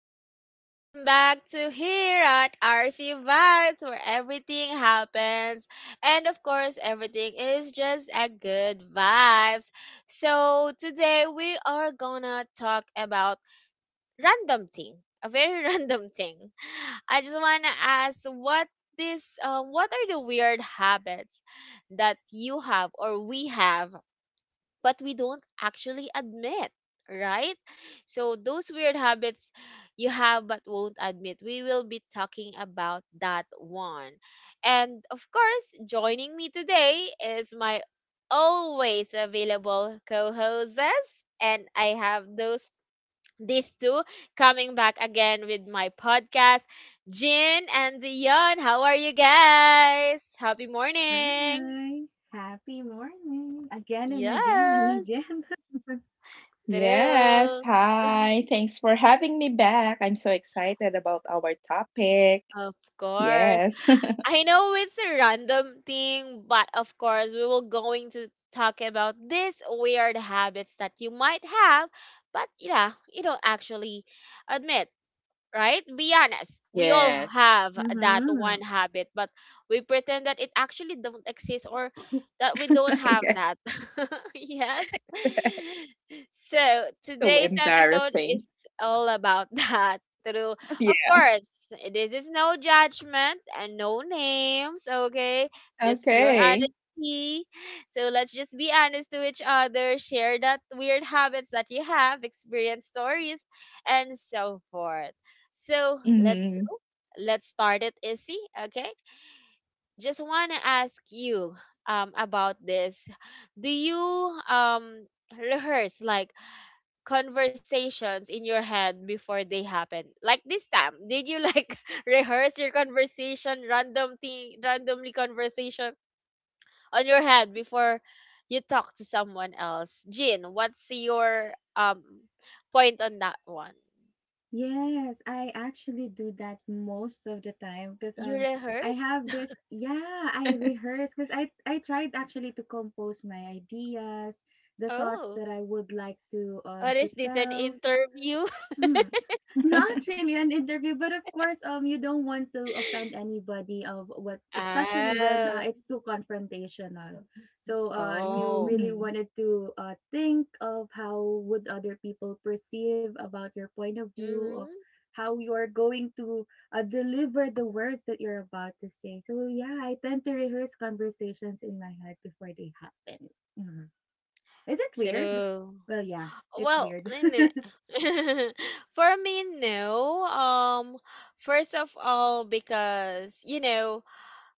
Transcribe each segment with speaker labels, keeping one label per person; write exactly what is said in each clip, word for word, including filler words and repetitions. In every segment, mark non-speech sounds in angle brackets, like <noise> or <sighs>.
Speaker 1: guys. Welcome back to here at R C Vibes, where everything happens, and of course, everything is just a good vibes. So today we are gonna talk about random thing, a very <laughs> random thing. I just wanna ask what this, uh, what are the weird habits that you have or we have? But we don't actually admit, right? So those weird habits you have but won't admit. We will be talking about that one. And of course, joining me today is my always available co-hosts and I have those these two coming back again with my podcast Jin and Dion. How are you guys? Happy morning.
Speaker 2: Hi. Happy morning. Again and again and
Speaker 1: Yes.
Speaker 2: again. <laughs>
Speaker 3: Yes,
Speaker 1: True.
Speaker 3: hi. Thanks for having me back. I'm so excited about our topic.
Speaker 1: Of course.
Speaker 3: Yes. <laughs>
Speaker 1: I know it's a random thing, but of course, we will going to talk about these weird habits that you might have, but yeah, you don't actually admit, right? Be honest. We all
Speaker 3: Yes.
Speaker 1: have that
Speaker 2: Mm-hmm.
Speaker 1: one habit, but we pretend that it actually don't exist or that we don't
Speaker 3: <laughs>
Speaker 1: have
Speaker 3: Yes.
Speaker 1: that. <laughs> Yes. So
Speaker 3: So
Speaker 1: today's episode
Speaker 3: embarrassing.
Speaker 1: is all about <laughs> that. Through,
Speaker 3: <laughs>
Speaker 1: of
Speaker 3: Yeah.
Speaker 1: course, this is no judgment and no names. Okay, just pure
Speaker 3: Okay.
Speaker 1: honesty. So let's just be honest to each other. Share that weird habits that you have, experience stories, and so forth. So let's
Speaker 3: Mm-hmm.
Speaker 1: go. Let's start it, Issy. Okay. Just wanna ask you um about this. Do you um rehearse like conversations in your head before they happen? Like this time, did you like <laughs> rehearse your conversation, random thing, randomly conversation on your head before you talk to someone else? Jin, what's your um point on that one?
Speaker 2: Yes, I actually do that most of the time because
Speaker 1: You
Speaker 2: um I
Speaker 1: rehearsed?
Speaker 2: have this yeah, I rehearse because I I tried actually to compose my ideas, the thoughts
Speaker 1: Oh.
Speaker 2: that I would like to
Speaker 1: What
Speaker 2: um
Speaker 1: is
Speaker 2: to
Speaker 1: this, an
Speaker 2: tell.
Speaker 1: interview? <laughs>
Speaker 2: Hmm. Not really an interview, but of course, um, you don't want to offend anybody of what, especially when uh,
Speaker 1: Ah,
Speaker 2: it's too confrontational. So, uh, you
Speaker 1: oh,
Speaker 2: really
Speaker 3: Mm-hmm.
Speaker 2: wanted to uh, think of how would other people perceive about your point of view of
Speaker 1: mm-hmm.
Speaker 2: how you're going to uh, deliver the words that you're about to say. So, yeah, I tend to rehearse conversations in my head before they happen. Mhm. Is it weird?
Speaker 1: True.
Speaker 2: Well, yeah, it's
Speaker 1: Well,
Speaker 2: weird. <laughs>
Speaker 1: in <laughs> for me, no. Um, first of all, because you know,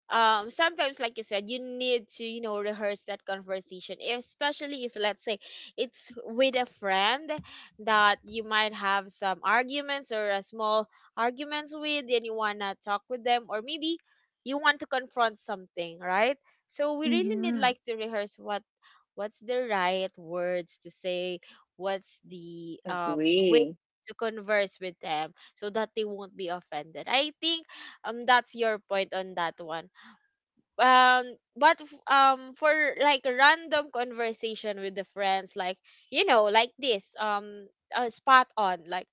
Speaker 1: um sometimes like you said you need to you know rehearse that conversation, especially if let's say it's with a friend that you might have some arguments or a small arguments with, and you want to talk with them or maybe you want to confront something, right? So we really need
Speaker 2: Mm-hmm.
Speaker 1: like to rehearse what what's the right words to say, what's the um way
Speaker 3: Agree.
Speaker 1: to converse with them so that they won't be offended. I think um that's your point on that one. um but f- um for like a random conversation with the friends, like you know like this um uh, spot on, like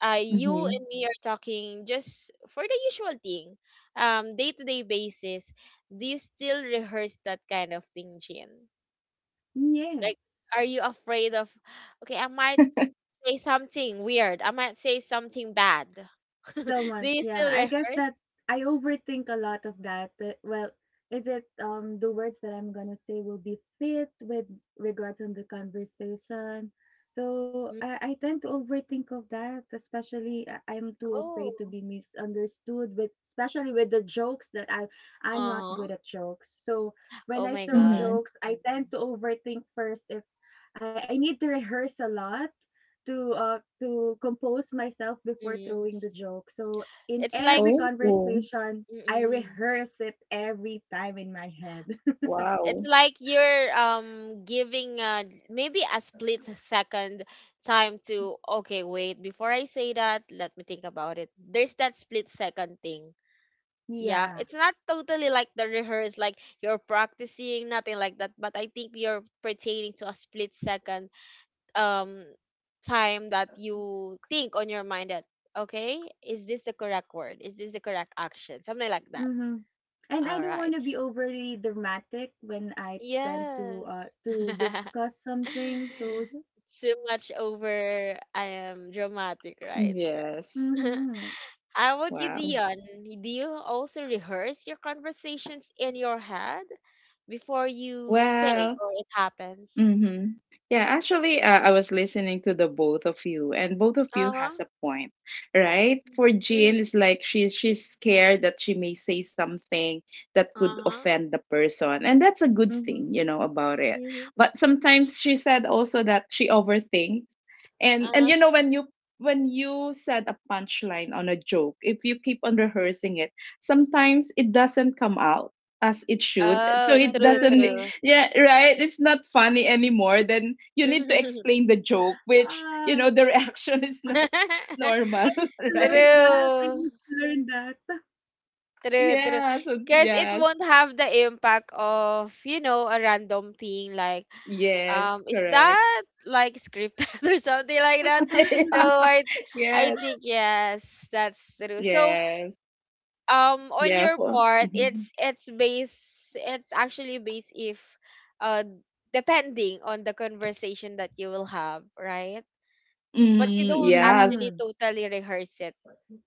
Speaker 1: uh you
Speaker 3: Mm-hmm.
Speaker 1: and me are talking just for the usual thing, um day-to-day basis, do you still rehearse that kind of thing, Jin?
Speaker 2: Yes.
Speaker 1: Like, are you afraid of, okay, I might say something weird, I might say something bad, <laughs> do
Speaker 2: So much,
Speaker 1: you
Speaker 2: yeah.
Speaker 1: still
Speaker 2: I
Speaker 1: rehearse?
Speaker 2: guess that I overthink a lot of that. Uh, Well, is it um the words that I'm gonna say will be fit with regards on the conversation? So I,
Speaker 1: Mm.
Speaker 2: I tend to overthink of that, especially I- I'm too
Speaker 1: Oh.
Speaker 2: afraid to be misunderstood with especially with the jokes that I I'm not
Speaker 1: Uh-huh.
Speaker 2: good at jokes. So when
Speaker 1: Oh
Speaker 2: I
Speaker 1: my
Speaker 2: throw
Speaker 1: god.
Speaker 3: Mm-hmm.
Speaker 2: jokes, I tend
Speaker 1: Mm.
Speaker 2: to overthink first if I, I need to rehearse a lot to uh to compose myself before
Speaker 1: Mm.
Speaker 2: throwing the joke. So in
Speaker 1: It's like
Speaker 2: every
Speaker 3: Oh,
Speaker 2: conversation, I
Speaker 1: mm.
Speaker 2: rehearse it every time in my head.
Speaker 3: wow.
Speaker 1: It's like you're um giving uh maybe a split second time to, okay, wait, before I say that, let me think about it. There's that split second thing.
Speaker 2: <laughs>
Speaker 1: Yeah,
Speaker 2: Yeah.
Speaker 1: it's not totally like the rehearse, like you're practicing, nothing like that, but I think you're pertaining to a split second um time that you think on your mind that, okay, is this the correct word? Is this the correct action? Something like that.
Speaker 2: Mhm. And I
Speaker 1: All
Speaker 2: don't
Speaker 1: right.
Speaker 2: want to be overly dramatic when I tend to uh
Speaker 1: Yes.
Speaker 2: to
Speaker 1: <laughs>
Speaker 2: discuss something. So
Speaker 1: Too much over I am dramatic, right? <laughs>
Speaker 3: Yes.
Speaker 1: Right.
Speaker 2: mhm.
Speaker 1: How about you,
Speaker 3: Wow.
Speaker 1: Dion? Do you also rehearse your conversations in your head before you say
Speaker 3: Well,
Speaker 1: or it happens?
Speaker 3: Mm-hmm. Yeah, actually, uh, I was listening to the both of you, and both of you
Speaker 1: Uh-huh.
Speaker 3: has a point, right? For Jean,
Speaker 1: Hmm.
Speaker 3: it's like she's she's scared that she may say something that could
Speaker 1: Uh-huh.
Speaker 3: offend the person, and that's a good thing,
Speaker 2: Mhm.
Speaker 3: you know, about it.
Speaker 1: Hmm.
Speaker 3: But sometimes she said also that she overthinks, and and
Speaker 1: Uh-huh.
Speaker 3: you know when you when you said a punchline on a joke, if you keep on rehearsing it, sometimes it doesn't come out as it should, so
Speaker 1: Oh,
Speaker 3: it
Speaker 1: true,
Speaker 3: doesn't.
Speaker 1: true.
Speaker 2: Naturally.
Speaker 3: Yeah, right. It's not funny anymore. Then you need to explain the joke, which, you
Speaker 2: Ah,
Speaker 3: know, the reaction <laughs> is not
Speaker 1: <laughs>
Speaker 2: I
Speaker 3: normal,
Speaker 2: need
Speaker 3: <laughs>
Speaker 2: to learn
Speaker 3: right?
Speaker 2: that. I
Speaker 1: True.
Speaker 2: need to learn that.
Speaker 1: True, true.
Speaker 3: Yeah, so
Speaker 1: Because it
Speaker 3: yes.
Speaker 1: won't have the impact of, you know, a random thing like,
Speaker 3: Yes,
Speaker 1: um, is
Speaker 3: correct.
Speaker 1: that like scripted <laughs> or something like that? So
Speaker 2: <laughs>
Speaker 3: <laughs> Yeah.
Speaker 1: I I
Speaker 3: Yes.
Speaker 1: think yes, that's true. So
Speaker 3: Yes.
Speaker 1: um on
Speaker 3: Yeah.
Speaker 1: your
Speaker 3: For,
Speaker 1: part
Speaker 3: Mhm.
Speaker 1: it's it's base it's actually based if uh depending on the conversation that you will have, right? But you
Speaker 3: Mm,
Speaker 1: don't
Speaker 3: yes.
Speaker 1: actually
Speaker 2: Mhm.
Speaker 1: totally rehearse it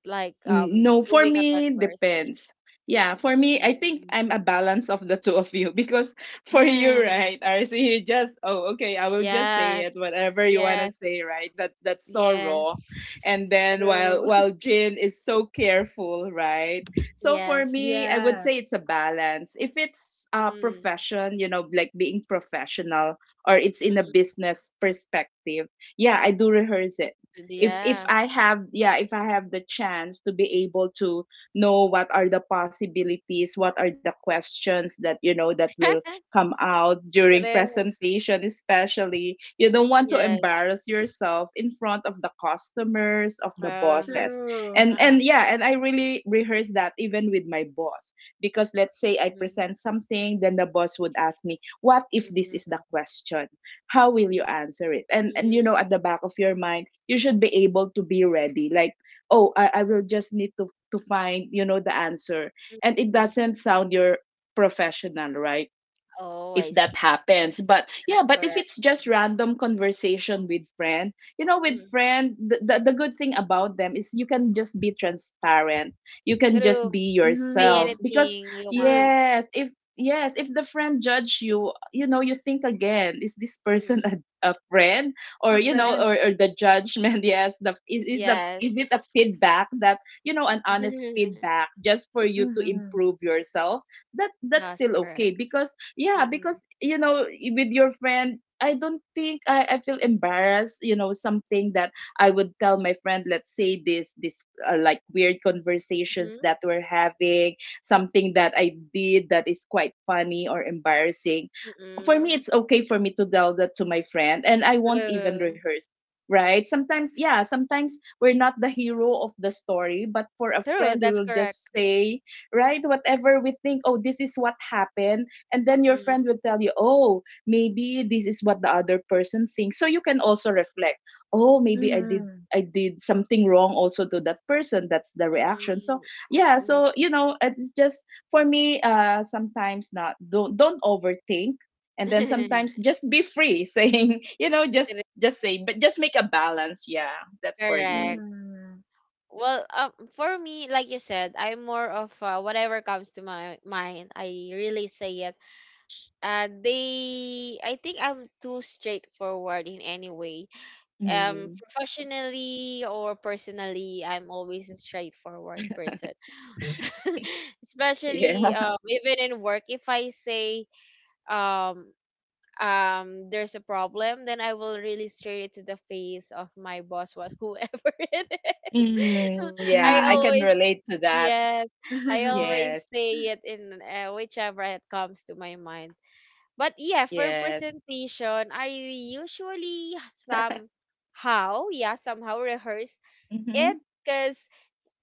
Speaker 1: like
Speaker 3: N-
Speaker 1: um
Speaker 3: No, for
Speaker 1: doing a
Speaker 3: me,
Speaker 1: conversation.
Speaker 3: depends. Yeah, for me, I think I'm
Speaker 1: <laughs>
Speaker 3: a balance of the two of you <laughs> because for you,
Speaker 1: Mm.
Speaker 3: right,
Speaker 1: <sighs>
Speaker 3: R C, you just, oh, okay, I will just say it,
Speaker 1: Yes.
Speaker 3: whatever you want to
Speaker 1: Yes.
Speaker 3: say, right? That that's so raw.
Speaker 1: Yes.
Speaker 3: And then while
Speaker 1: True.
Speaker 3: while Jin is so careful, right?
Speaker 1: <laughs>
Speaker 3: So for
Speaker 1: Yes.
Speaker 3: me, I would
Speaker 2: Yeah.
Speaker 3: say it's a balance. If it's a
Speaker 1: Mm.
Speaker 3: profession, you know, like being professional or it's in a
Speaker 1: Mm-mm.
Speaker 3: business perspective, yeah, I do rehearse it. if if
Speaker 1: Yeah.
Speaker 3: i have yeah if i have the chance to be able to know what are the possibilities, what are the questions that you know that will
Speaker 1: <laughs>
Speaker 3: come out during
Speaker 1: Pareho.
Speaker 3: presentation, especially you don't want to
Speaker 1: Yes.
Speaker 3: embarrass yourself in front of the customers of the
Speaker 1: Uh-huh.
Speaker 3: bosses.
Speaker 2: True.
Speaker 3: and
Speaker 1: Uh-huh.
Speaker 3: and yeah and i really rehearse that, even with my boss. Because let's say I
Speaker 1: Mm,
Speaker 3: present something, then the boss would ask me, what if
Speaker 1: mm,
Speaker 3: this
Speaker 1: mm,
Speaker 3: is the
Speaker 1: mm,
Speaker 3: question, how will you answer it? And and you know,
Speaker 1: mm,
Speaker 3: at the back of your mind, you should be able to be ready, like, oh, i, I will
Speaker 1: mm,
Speaker 3: just need to to find, you know, the answer,
Speaker 1: mm.
Speaker 3: and it
Speaker 1: Mm.
Speaker 3: doesn't sound your professional, right,
Speaker 1: Oh,
Speaker 3: if
Speaker 1: I see.
Speaker 3: that happens. But yeah,
Speaker 1: That's
Speaker 3: but if
Speaker 1: correct.
Speaker 3: it's just random conversation with friend, you know, with
Speaker 1: Mm.
Speaker 3: friend the, the, the good thing about them is you can just be transparent, you can just
Speaker 1: True.
Speaker 3: be
Speaker 1: Say
Speaker 3: yourself
Speaker 2: Mhm.
Speaker 3: because
Speaker 1: anything you
Speaker 2: True.
Speaker 1: want.
Speaker 3: yes if yes if the friend judge you, you know, you think again, is this person
Speaker 1: Mm,
Speaker 3: a, a friend, or
Speaker 2: A
Speaker 1: mm,
Speaker 3: you know,
Speaker 1: mm.
Speaker 3: or,
Speaker 2: friend.
Speaker 3: or the judgment <laughs> yes, the is, is the is it a
Speaker 1: Yes.
Speaker 3: feedback that, you know, an honest
Speaker 1: <laughs>
Speaker 3: feedback, just for you to
Speaker 2: Mhm.
Speaker 3: improve yourself, that that's
Speaker 1: That's
Speaker 3: still
Speaker 1: correct.
Speaker 3: okay. Because yeah,
Speaker 1: Mm-mm.
Speaker 3: because you know, with your friend, I don't think I, I feel embarrassed, you know, something that I would tell my friend, let's say this this uh, like weird conversations
Speaker 1: Mm-hmm.
Speaker 3: that we're having, something that I did that is quite funny or embarrassing. For me,
Speaker 1: Mm-mm.
Speaker 3: it's okay for me to tell that to my friend and I won't even
Speaker 1: True.
Speaker 3: rehearse, right? Sometimes, yeah, sometimes we're not the hero of the story, but for a
Speaker 1: True.
Speaker 3: friend, we
Speaker 1: That's
Speaker 3: will
Speaker 1: correct.
Speaker 3: just say, right, whatever we think, oh, this is what happened. And then your
Speaker 1: Mm-mm.
Speaker 3: friend will tell you, oh, maybe this is what the other person thinks, so you can also reflect, oh, maybe i did
Speaker 2: Mhm.
Speaker 3: i did something wrong also to that person. That's the reaction. So
Speaker 1: Mm-mm.
Speaker 3: yeah,
Speaker 1: Mm-mm.
Speaker 3: so you know, it's just for me, uh sometimes, not, don't don't overthink. And then sometimes just be free, <laughs> saying, you know, just
Speaker 1: <laughs>
Speaker 3: just say, but just make a balance, yeah, that's for me.
Speaker 1: Correct.
Speaker 2: Mhm.
Speaker 1: Well, um, for me, like you said, I'm more of uh, whatever comes to my mind. I really say it. Uh, they, I think I'm too straightforward in any way. Um,
Speaker 3: Mm,
Speaker 1: professionally or personally, I'm always a straightforward person. <laughs> So <laughs> especially
Speaker 3: yeah. <laughs>
Speaker 1: um, even in work, if I say um. Um, there's a problem, then I will really straight it to the face of my boss, what whoever <laughs> it is. <laughs>
Speaker 3: Mm,
Speaker 1: I
Speaker 3: yeah, I
Speaker 2: Mhm.
Speaker 3: can
Speaker 1: always.
Speaker 3: relate to that.
Speaker 1: Yes, I
Speaker 2: Mhm. <laughs>
Speaker 1: always
Speaker 3: Yes.
Speaker 1: say it in uh, whichever it comes to my mind. But yeah, for
Speaker 3: Yes.
Speaker 1: presentation, I usually somehow, yeah, somehow rehearse
Speaker 3: Mm-hmm,
Speaker 1: it because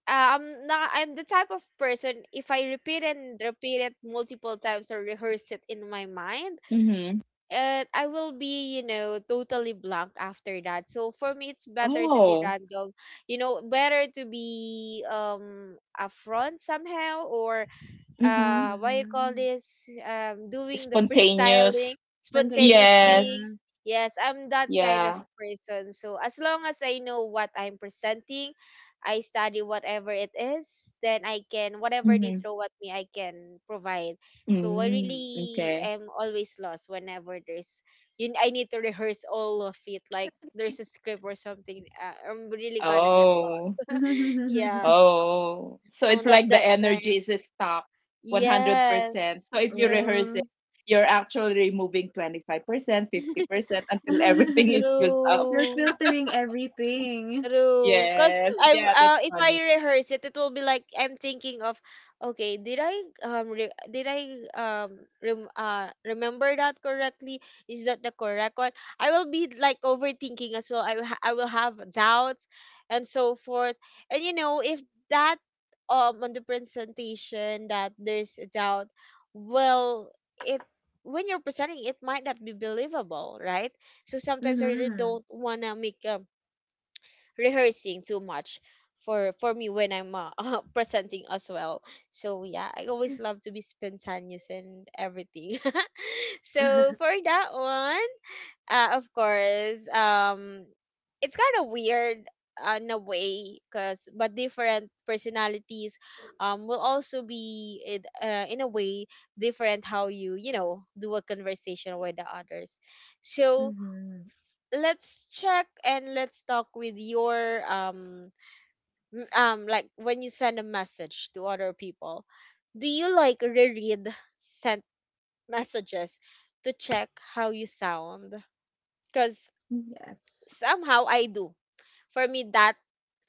Speaker 1: uh, I'm not, I'm the type of person, if I repeat and repeat it multiple times or rehearse it in my mind,
Speaker 3: mm-hmm.
Speaker 1: and I will be, you know, totally blank after that. So for me, it's better to be
Speaker 3: Oh.
Speaker 1: random, you know, better to be um upfront somehow or
Speaker 3: Mm-hmm.
Speaker 1: uh what you call this um doing the <laughs> freestyling
Speaker 3: Spontaneous.
Speaker 1: spontaneous
Speaker 2: Spontaneous.
Speaker 1: thing.
Speaker 3: Yes.
Speaker 2: Mhm.
Speaker 1: Yes, I'm that kind of
Speaker 3: Yeah.
Speaker 1: person, so as long as I know what I'm presenting, I study whatever it is, then I can, whatever they
Speaker 3: Mm-hmm.
Speaker 1: throw at me, I can provide. So I
Speaker 3: Mm,
Speaker 1: really
Speaker 3: okay.
Speaker 1: am always lost whenever there's, you, I need to rehearse all of it like there's a script or something. uh, I'm really gonna get lost.
Speaker 3: Oh.
Speaker 1: <laughs> Yeah.
Speaker 2: <laughs>
Speaker 3: Oh, so
Speaker 1: i'm
Speaker 3: it's
Speaker 1: that
Speaker 3: like the
Speaker 1: that kind.
Speaker 3: energy is stuck
Speaker 1: Yes.
Speaker 3: one hundred percent. So if you rehearse
Speaker 1: Yes.
Speaker 3: it,
Speaker 2: Oh.
Speaker 3: you're actually removing twenty-five percent,
Speaker 1: <laughs>
Speaker 3: fifty percent until <laughs> everything is used up.
Speaker 2: <laughs> You're
Speaker 1: True.
Speaker 2: filtering everything.
Speaker 1: True. Cause
Speaker 3: Yes,
Speaker 1: I
Speaker 3: yeah, that's
Speaker 1: uh, if
Speaker 3: funny.
Speaker 1: I rehearse it, it will be like I'm thinking of, okay, did I um re- did I um rem- uh remember that correctly? Is that the correct one? I will be like overthinking as well. I will ha- I will have doubts, and so forth. And you know, if that um on the presentation that there's a doubt, well, it, when you're presenting, it might not be believable, right? So sometimes I really
Speaker 2: Mhm.
Speaker 1: don't wanna make a rehearsing too much for for me when I'm uh, <laughs> presenting as well. So yeah, I always love to be spontaneous and everything. <laughs> So for that one, uh, of course, um, it's kind of weird uh, in a way, cause but different personalities, um, will also be in, uh, in a way different how you, you know, do a conversation with the others. So
Speaker 2: Mhm.
Speaker 1: let's check and let's talk with your um m- um like, when you send a message to other people, do you like reread sent messages to check how you sound? Because
Speaker 2: Yes.
Speaker 1: somehow I do. For me, that,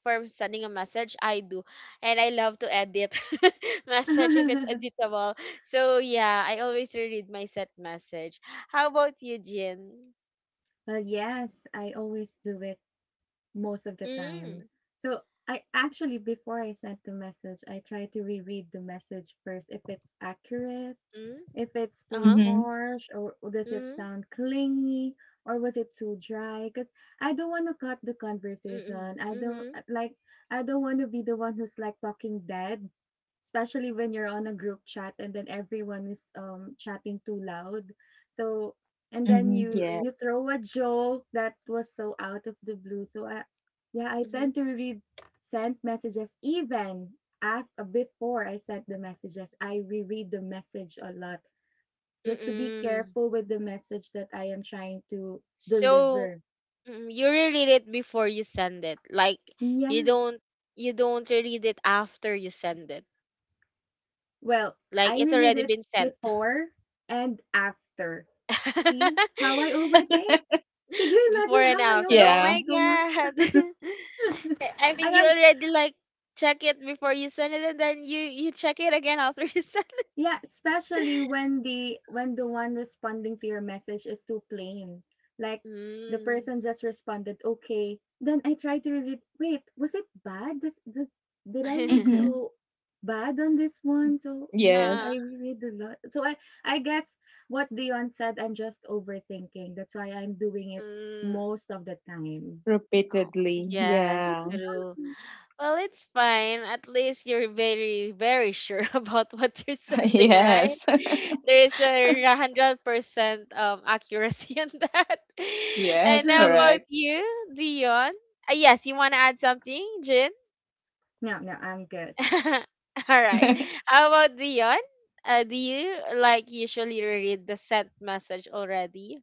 Speaker 1: for sending a message I do, and I love to edit <laughs> message if it's
Speaker 2: <laughs>
Speaker 1: editable. So yeah, I always reread my sent message. How about you, Jin?
Speaker 2: Well, yes, I always do it most of the time.
Speaker 1: Mm.
Speaker 2: So I actually, before I sent the message, I try to reread the message first if it's accurate.
Speaker 1: Mm.
Speaker 2: If it's too
Speaker 1: Uh-huh.
Speaker 3: Mm-hmm.
Speaker 2: harsh or does it
Speaker 1: Mm.
Speaker 2: sound clingy or was it too dry? Because I don't want to cut the
Speaker 1: Mm.
Speaker 2: conversation. I don't
Speaker 1: Mm.
Speaker 2: uh, like, I don't want to be the one who's like talking dead, especially when you're on a group chat and then everyone is um chatting too loud. So, and then
Speaker 3: Mm-hmm.
Speaker 2: you
Speaker 3: Yeah.
Speaker 1: Mm.
Speaker 2: you throw a joke that was so out of the blue. So I, yeah, I
Speaker 1: Mm.
Speaker 2: tend to read sent messages even af uh, before I sent the messages, I reread the message a lot
Speaker 1: Mm.
Speaker 2: just to be
Speaker 1: Mm. Mm.
Speaker 2: careful with the message that I am trying to
Speaker 1: So
Speaker 2: deliver.
Speaker 1: mm, you reread it before you send it. Like, you
Speaker 2: Yeah.
Speaker 1: don't, you don't reread it after you send it.
Speaker 2: Well,
Speaker 1: Like,
Speaker 2: I
Speaker 1: it's
Speaker 2: reread
Speaker 1: already
Speaker 2: it
Speaker 1: been sent.
Speaker 2: before and after. See how I
Speaker 1: <laughs>
Speaker 2: overthink? Could you
Speaker 1: Before
Speaker 2: imagine
Speaker 1: and
Speaker 2: how I
Speaker 1: after. Oh
Speaker 3: Yeah.
Speaker 2: overthink
Speaker 1: my
Speaker 2: so
Speaker 1: god.
Speaker 2: much?
Speaker 1: <laughs> I I
Speaker 2: <laughs> I
Speaker 1: mean you
Speaker 2: have
Speaker 1: already like check it before you send it and then you you check it again after you <laughs> send it.
Speaker 2: Yeah, especially when the when the one responding to your message is too plain. Like the
Speaker 1: Mm.
Speaker 2: person just responded, "Okay." Then I try to read it. Wait, was it bad? Does, does did I look
Speaker 3: Mm-hmm.
Speaker 1: <laughs>
Speaker 2: so bad on this one? So
Speaker 3: Yes.
Speaker 2: yeah,
Speaker 1: Uh,
Speaker 2: I reread a lot. So I I guess what Dion said, I'm just overthinking. That's why I'm doing it
Speaker 1: mm,
Speaker 2: most of the time.
Speaker 1: oh,
Speaker 3: Repeatedly.
Speaker 1: yes,
Speaker 3: Yeah.
Speaker 1: true.
Speaker 2: Mhm.
Speaker 1: Well, it's fine. At least you're very, very sure <laughs> about what you're
Speaker 3: <laughs>
Speaker 1: sending, right?
Speaker 3: Yes. <laughs>
Speaker 1: <laughs> There is a hundred percent um accuracy in that. <laughs>
Speaker 3: Yes,
Speaker 1: And how
Speaker 2: True.
Speaker 1: about
Speaker 3: correct.
Speaker 1: you, Dion? Uh, yes, you want to add something, Jin?
Speaker 2: No, no, I'm good.
Speaker 1: <laughs> All right.
Speaker 3: <laughs>
Speaker 1: How about Dion? Uh, do you like usually read the sent message already?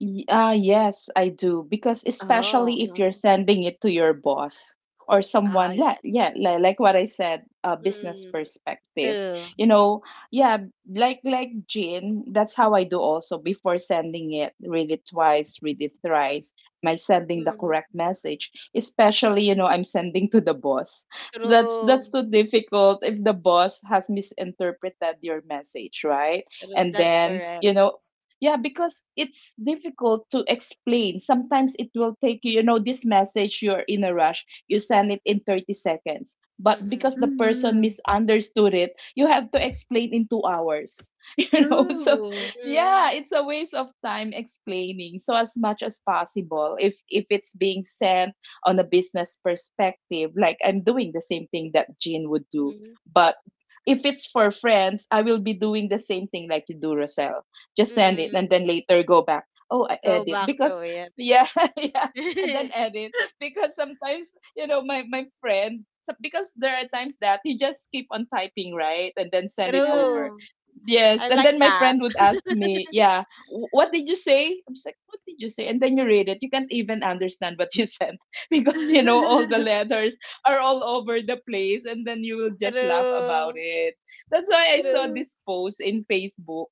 Speaker 3: Y- Uh, yes, I do. Because
Speaker 1: Oh,
Speaker 3: especially if you're
Speaker 1: mm.
Speaker 3: sending it to your boss or
Speaker 1: Ah,
Speaker 3: someone, like,
Speaker 1: yes.
Speaker 3: yeah, like, like what I said, a business
Speaker 1: Mm,
Speaker 3: perspective.
Speaker 1: true.
Speaker 3: You know, yeah, like like Jean, that's how I do also before sending it. Read it twice, read it thrice. Am I sending the
Speaker 1: Mm,
Speaker 3: correct message? Especially, you know, I'm sending to the boss. So that's
Speaker 1: true.
Speaker 3: that's too difficult if the boss has misinterpreted your message, right?
Speaker 1: True.
Speaker 3: And
Speaker 1: That's
Speaker 3: then
Speaker 1: correct.
Speaker 3: you know, yeah, because it's difficult to explain. Sometimes it will take you, you know, this message, you're in a rush, you send it in thirty seconds. But because the
Speaker 1: Mm.
Speaker 3: person
Speaker 2: Mm-hmm.
Speaker 3: misunderstood it, you have to explain in two hours, <laughs> you know. So,
Speaker 2: True.
Speaker 3: yeah,
Speaker 1: Mm.
Speaker 3: it's a waste of time explaining. So, as much as possible, if if it's being sent on a business perspective, like I'm doing the same thing that Jean would do,
Speaker 1: Mhm.
Speaker 3: but if it's for friends, I will be doing the same thing like you do, Rosel. Just send it and
Speaker 1: Mm.
Speaker 3: then later go back, oh, I
Speaker 1: Go
Speaker 3: edit
Speaker 1: back to
Speaker 3: because
Speaker 1: it.
Speaker 3: yeah, <laughs> yeah, and then
Speaker 1: <laughs>
Speaker 3: edit
Speaker 2: <laughs>
Speaker 3: because sometimes, you know, my my friend, so- because there are times that you just keep on typing, right, and then send it
Speaker 2: Yeah.
Speaker 3: over.
Speaker 1: True.
Speaker 3: Yes,
Speaker 1: I
Speaker 3: and
Speaker 1: like
Speaker 3: then my
Speaker 1: that.
Speaker 3: friend would ask me, yeah, "Wh- what did you say?" I'm just like, what did you say? And then you read it, you can't even understand what you sent, <laughs> because you know
Speaker 1: Mm.
Speaker 3: all the
Speaker 2: <laughs>
Speaker 3: letters are all over the place, and then you will just laugh about
Speaker 1: True.
Speaker 3: it. That's why I saw
Speaker 1: True.
Speaker 2: True,
Speaker 3: this post in Facebook.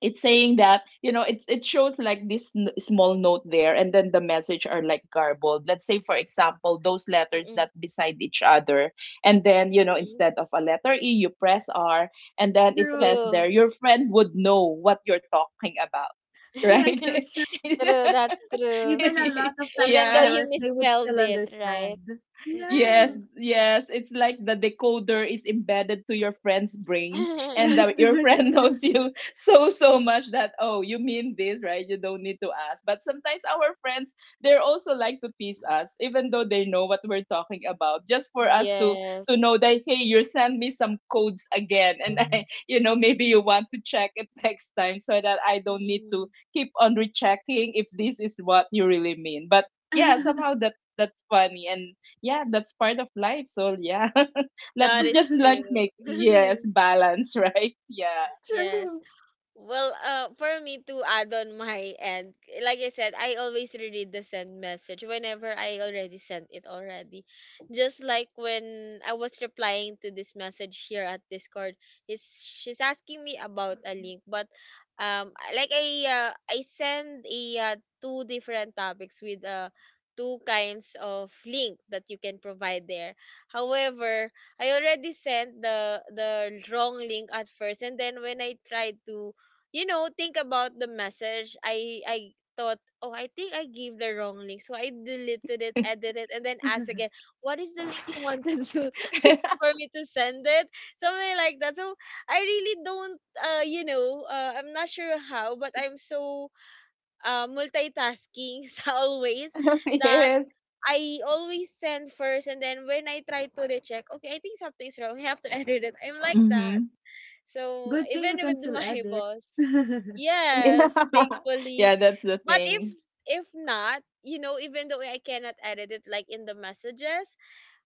Speaker 3: It's saying that, you know, it's it shows like this n- small note there, and then the message are like garbled. Let's say, for example, those letters that
Speaker 1: Mm.
Speaker 3: beside each other, and then you know,
Speaker 1: Mm.
Speaker 3: instead of a letter E, you press R, and then it
Speaker 2: true.
Speaker 3: says
Speaker 1: True.
Speaker 3: there, your friend would know what you're talking about. <laughs> Right.
Speaker 2: That's
Speaker 1: <laughs>
Speaker 2: so true.
Speaker 3: <laughs>
Speaker 1: True. That's true.
Speaker 2: Even a lot of typo
Speaker 1: Even though
Speaker 3: Yeah.
Speaker 1: you
Speaker 2: errors, they would
Speaker 1: misspelled
Speaker 2: still
Speaker 1: it, right?
Speaker 2: understand.
Speaker 3: Yes,
Speaker 2: Yeah,
Speaker 1: Mm.
Speaker 3: yes. It's like the decoder is embedded to your friend's brain,
Speaker 2: <laughs>
Speaker 3: and the,
Speaker 2: that's so
Speaker 3: your
Speaker 1: <laughs>
Speaker 3: friend <laughs>
Speaker 2: true.
Speaker 3: knows you so, so much that, oh, you mean this, right? You don't need to ask. But sometimes our friends, they're also like to tease us, even though they know what we're talking about, just for us to
Speaker 1: Yes.
Speaker 3: to know that, hey, you send me some codes again, and <laughs> I, you know, maybe you want to check it <laughs> next time so that I don't need to
Speaker 1: Mm.
Speaker 3: keep on rechecking if this is what you really mean. But yeah, somehow
Speaker 2: <laughs>
Speaker 3: that's that's funny, and yeah, that's part of life. So yeah, <laughs> let
Speaker 1: That is
Speaker 3: just like
Speaker 1: true.
Speaker 3: make, yes,
Speaker 1: <laughs>
Speaker 3: balance, right? Yeah,
Speaker 1: Yes.
Speaker 2: True.
Speaker 1: Well, uh, for me to add on my end, like I said, I always reread the send message whenever I already sent it already. Just like when I was replying to this message here at Discord, he's, she's asking me about a link, but um, I- like I uh, I send a uh, two different topics with uh two kinds of link that you can provide there. However, I already sent the the wrong link at first, and then when I tried to, you know, think about the message. I I thought, oh, I think I gave the wrong link, so I deleted it, edited it, and then asked again, what is the link you wanted to <laughs>
Speaker 3: <laughs>
Speaker 1: for me to send it? Something like that. So I really don't, uh, you know, uh, I'm not sure how, but I'm so uh, multitasking <laughs> as always that.
Speaker 3: yes.
Speaker 1: I always send first, and then when I try to recheck, okay, I think something's wrong. I have to <laughs> edit it. I'm like that.
Speaker 3: Mm-hmm. <laughs>
Speaker 1: So
Speaker 2: Good thing
Speaker 1: even
Speaker 2: you can
Speaker 1: with
Speaker 2: still
Speaker 1: my <laughs>
Speaker 2: edit.
Speaker 1: boss,
Speaker 3: Yeah.
Speaker 1: yes, thankfully.
Speaker 3: Yeah, that's the
Speaker 1: But if
Speaker 3: thing.
Speaker 1: if not, you know, even though I cannot edit it like in the messages,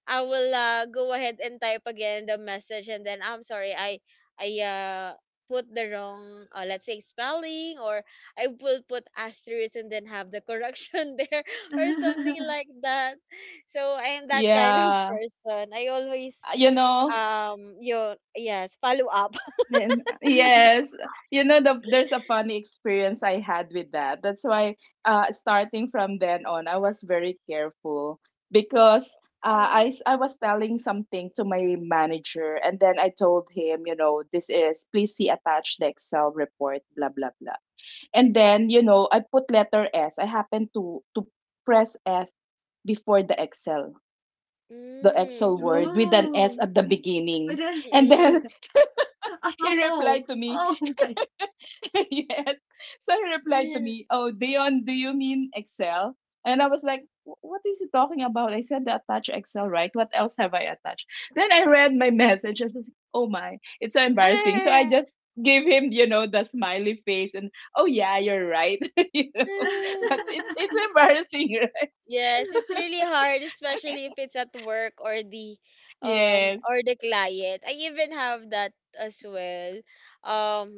Speaker 1: I will uh, go ahead and type again the message and then I'm sorry, I I uh put the wrong uh, let's say spelling, or I will put asterisk and then have the correction <laughs> there or something
Speaker 2: <laughs>
Speaker 1: like that. So I am that kind of <laughs>
Speaker 3: Yeah,
Speaker 1: person. I always
Speaker 3: you know,
Speaker 1: um you yes, follow up.
Speaker 3: then yes, you know, the, there's a funny experience I had with that. That's why, uh starting from then on, I was very careful because, uh, I
Speaker 1: <laughs>
Speaker 3: s- I was telling something to my manager and then I told him, you know, this is, please see attached the Excel report, blah blah blah. And
Speaker 1: Mm-hmm.
Speaker 3: then, you know, I put letter S. I happened to to press S before the Excel, the Excel
Speaker 1: Mm,
Speaker 3: word with an S
Speaker 2: Oh,
Speaker 3: at the
Speaker 2: but
Speaker 3: beginning.
Speaker 1: <laughs>
Speaker 2: then
Speaker 3: And
Speaker 1: mm, mm.
Speaker 3: then
Speaker 2: <laughs>
Speaker 3: <laughs> he
Speaker 2: oh,
Speaker 3: replied to me,
Speaker 2: oh my.
Speaker 3: <laughs> yes. So he replied to me,
Speaker 1: <laughs>
Speaker 3: "Oh, Dion, do you mean Excel?" And I was like, "Wh- What is he talking about? I said the attach Excel, right? What else have I attached?" Then I read my message. I was like, oh my, it's so embarrassing. So I
Speaker 1: Ah,
Speaker 3: just gave him, you know, the smiley face and, oh, yeah, you're right. <laughs> You know, but it's,
Speaker 1: ah.
Speaker 3: it's embarrassing, <laughs> right?
Speaker 1: Yes, it's really hard, especially if it's at work or the um
Speaker 3: Yes.
Speaker 1: or the client. I even have that as well. Um,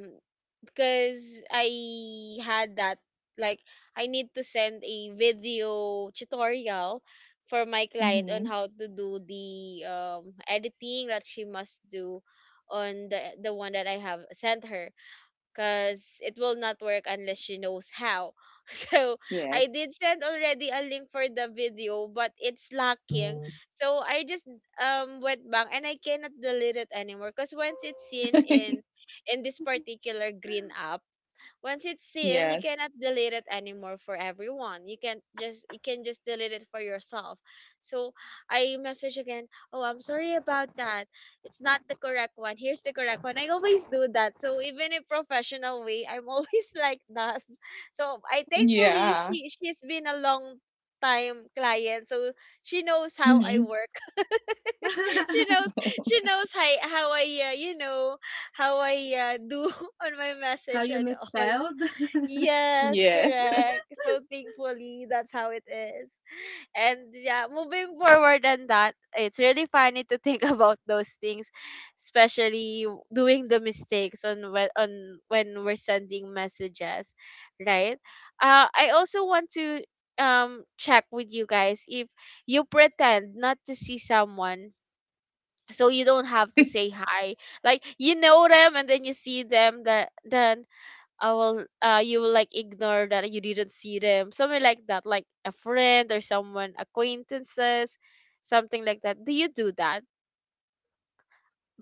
Speaker 1: because I had that, like, I need to send a video tutorial for my client on
Speaker 3: Mm-hmm.
Speaker 1: how to do the um editing that she must do on the the one that I have sent her, because it will not work unless she knows how. <laughs> So I
Speaker 3: Yes.
Speaker 1: did send already a link for the video, but it's lacking. So I just um went back, and I cannot delete it anymore because once it's seen in
Speaker 3: <laughs>
Speaker 1: in this particular green app, once it's seen, you
Speaker 3: Yes.
Speaker 1: cannot delete it anymore for everyone. You can just you can just delete it for yourself. So I message again, "Oh, I'm sorry about that. It's not the correct one. Here's the correct one." I always do that. So even in professional way, I'm always <laughs> like that. So I thankfully she
Speaker 3: Yeah.
Speaker 1: she's been a long time client, so she knows how I
Speaker 3: Mm-hmm.
Speaker 1: work. <laughs> She
Speaker 2: <laughs>
Speaker 1: knows,
Speaker 2: <laughs>
Speaker 1: she
Speaker 3: <laughs>
Speaker 1: knows how, how I uh, you know how I uh, do <laughs> on my
Speaker 2: How
Speaker 1: message
Speaker 2: you
Speaker 1: and all.
Speaker 2: misspelled? <laughs>
Speaker 1: Yes,
Speaker 3: Yes.
Speaker 1: correct. So thankfully, that's how it is. And yeah, moving forward on that, it's really funny to think <laughs> about those things, especially w- doing the mistakes on when on when we're sending messages, right? Uh, I also want to um check with you guys if you pretend not to see someone so you don't have to say
Speaker 3: <laughs>
Speaker 1: hi, like you know them, and then you see them that then I will uh you will, like, ignore that you didn't see them. Something like that, like a friend or someone, acquaintances, something like that. Do you do that?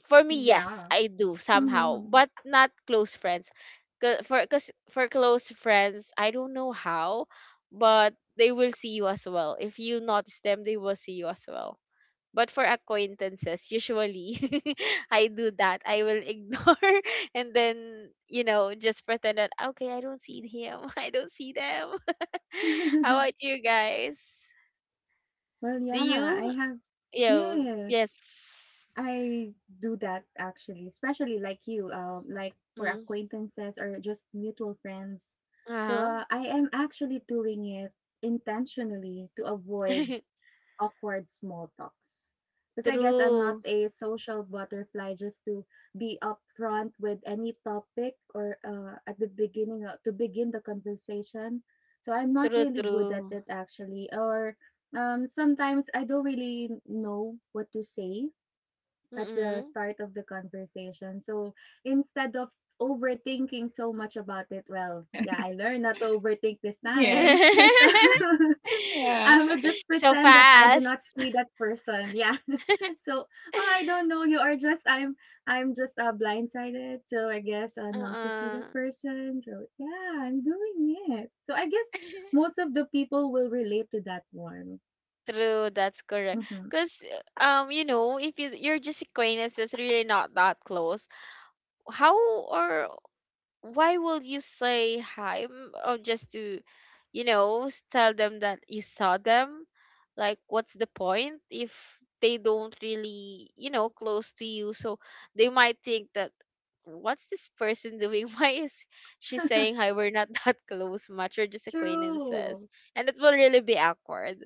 Speaker 1: For me, yes,
Speaker 2: Yeah.
Speaker 1: I do somehow,
Speaker 2: Mhm.
Speaker 1: but not close friends. 'Cause- For cause for close friends, I don't know how, but they will see you as well. If you notice them, they will see you as well. But for acquaintances, usually <laughs> I do that. I will ignore <laughs> and then, you know, just pretend that, okay, I don't see him. <laughs> I don't see them. <laughs> How about
Speaker 2: <laughs>
Speaker 1: you guys?
Speaker 2: Well,
Speaker 1: Do
Speaker 2: yeah, I
Speaker 1: you?
Speaker 2: have
Speaker 1: Yo,
Speaker 2: yes,
Speaker 1: yes.
Speaker 2: I do that actually, especially like you, uh, like for
Speaker 1: Mm,
Speaker 2: acquaintances or just mutual friends. So,
Speaker 1: uh-huh.
Speaker 2: uh, I am actually doing it intentionally to avoid
Speaker 1: <laughs>
Speaker 2: awkward small talks. Because I guess I'm not
Speaker 1: True.
Speaker 2: a social butterfly just to be upfront with any topic or uh, at the beginning of, to begin the conversation. So I'm not
Speaker 1: True,
Speaker 2: really good at
Speaker 1: true.
Speaker 2: it actually. Or um, sometimes I don't really know what to say at the
Speaker 1: Mm-mm.
Speaker 2: start of the conversation. So instead of overthinking so much about it, well, yeah, I learned not to overthink this
Speaker 3: Yes.
Speaker 2: time. <laughs> So
Speaker 1: <laughs>
Speaker 3: Yeah.
Speaker 2: I would just
Speaker 1: So
Speaker 2: pretend that I do
Speaker 1: fast.
Speaker 2: not see that person. Yeah.
Speaker 1: <laughs>
Speaker 2: <laughs> So, "Oh, I don't know. You are just I'm I'm just, uh, blindsided, so I guess, uh, not to see that
Speaker 1: Uh-uh.
Speaker 2: person." So, yeah, I'm doing it. So, I guess
Speaker 1: <laughs>
Speaker 2: most of the people will relate to that one.
Speaker 1: True, that's correct.
Speaker 2: Mhm.
Speaker 1: Because, um, you know, if you, you're just acquaintances, really not that close, how or why will you say hi? Mm. Or just to, you know, s- tell them that you saw them, like, what's the point if they don't really, you know, close to you, so they might think that, what's this person doing, <laughs> why is she saying
Speaker 2: <laughs>
Speaker 1: hi, we're not <laughs> that close much, we're just acquaintances,
Speaker 2: True.
Speaker 1: and it will really be awkward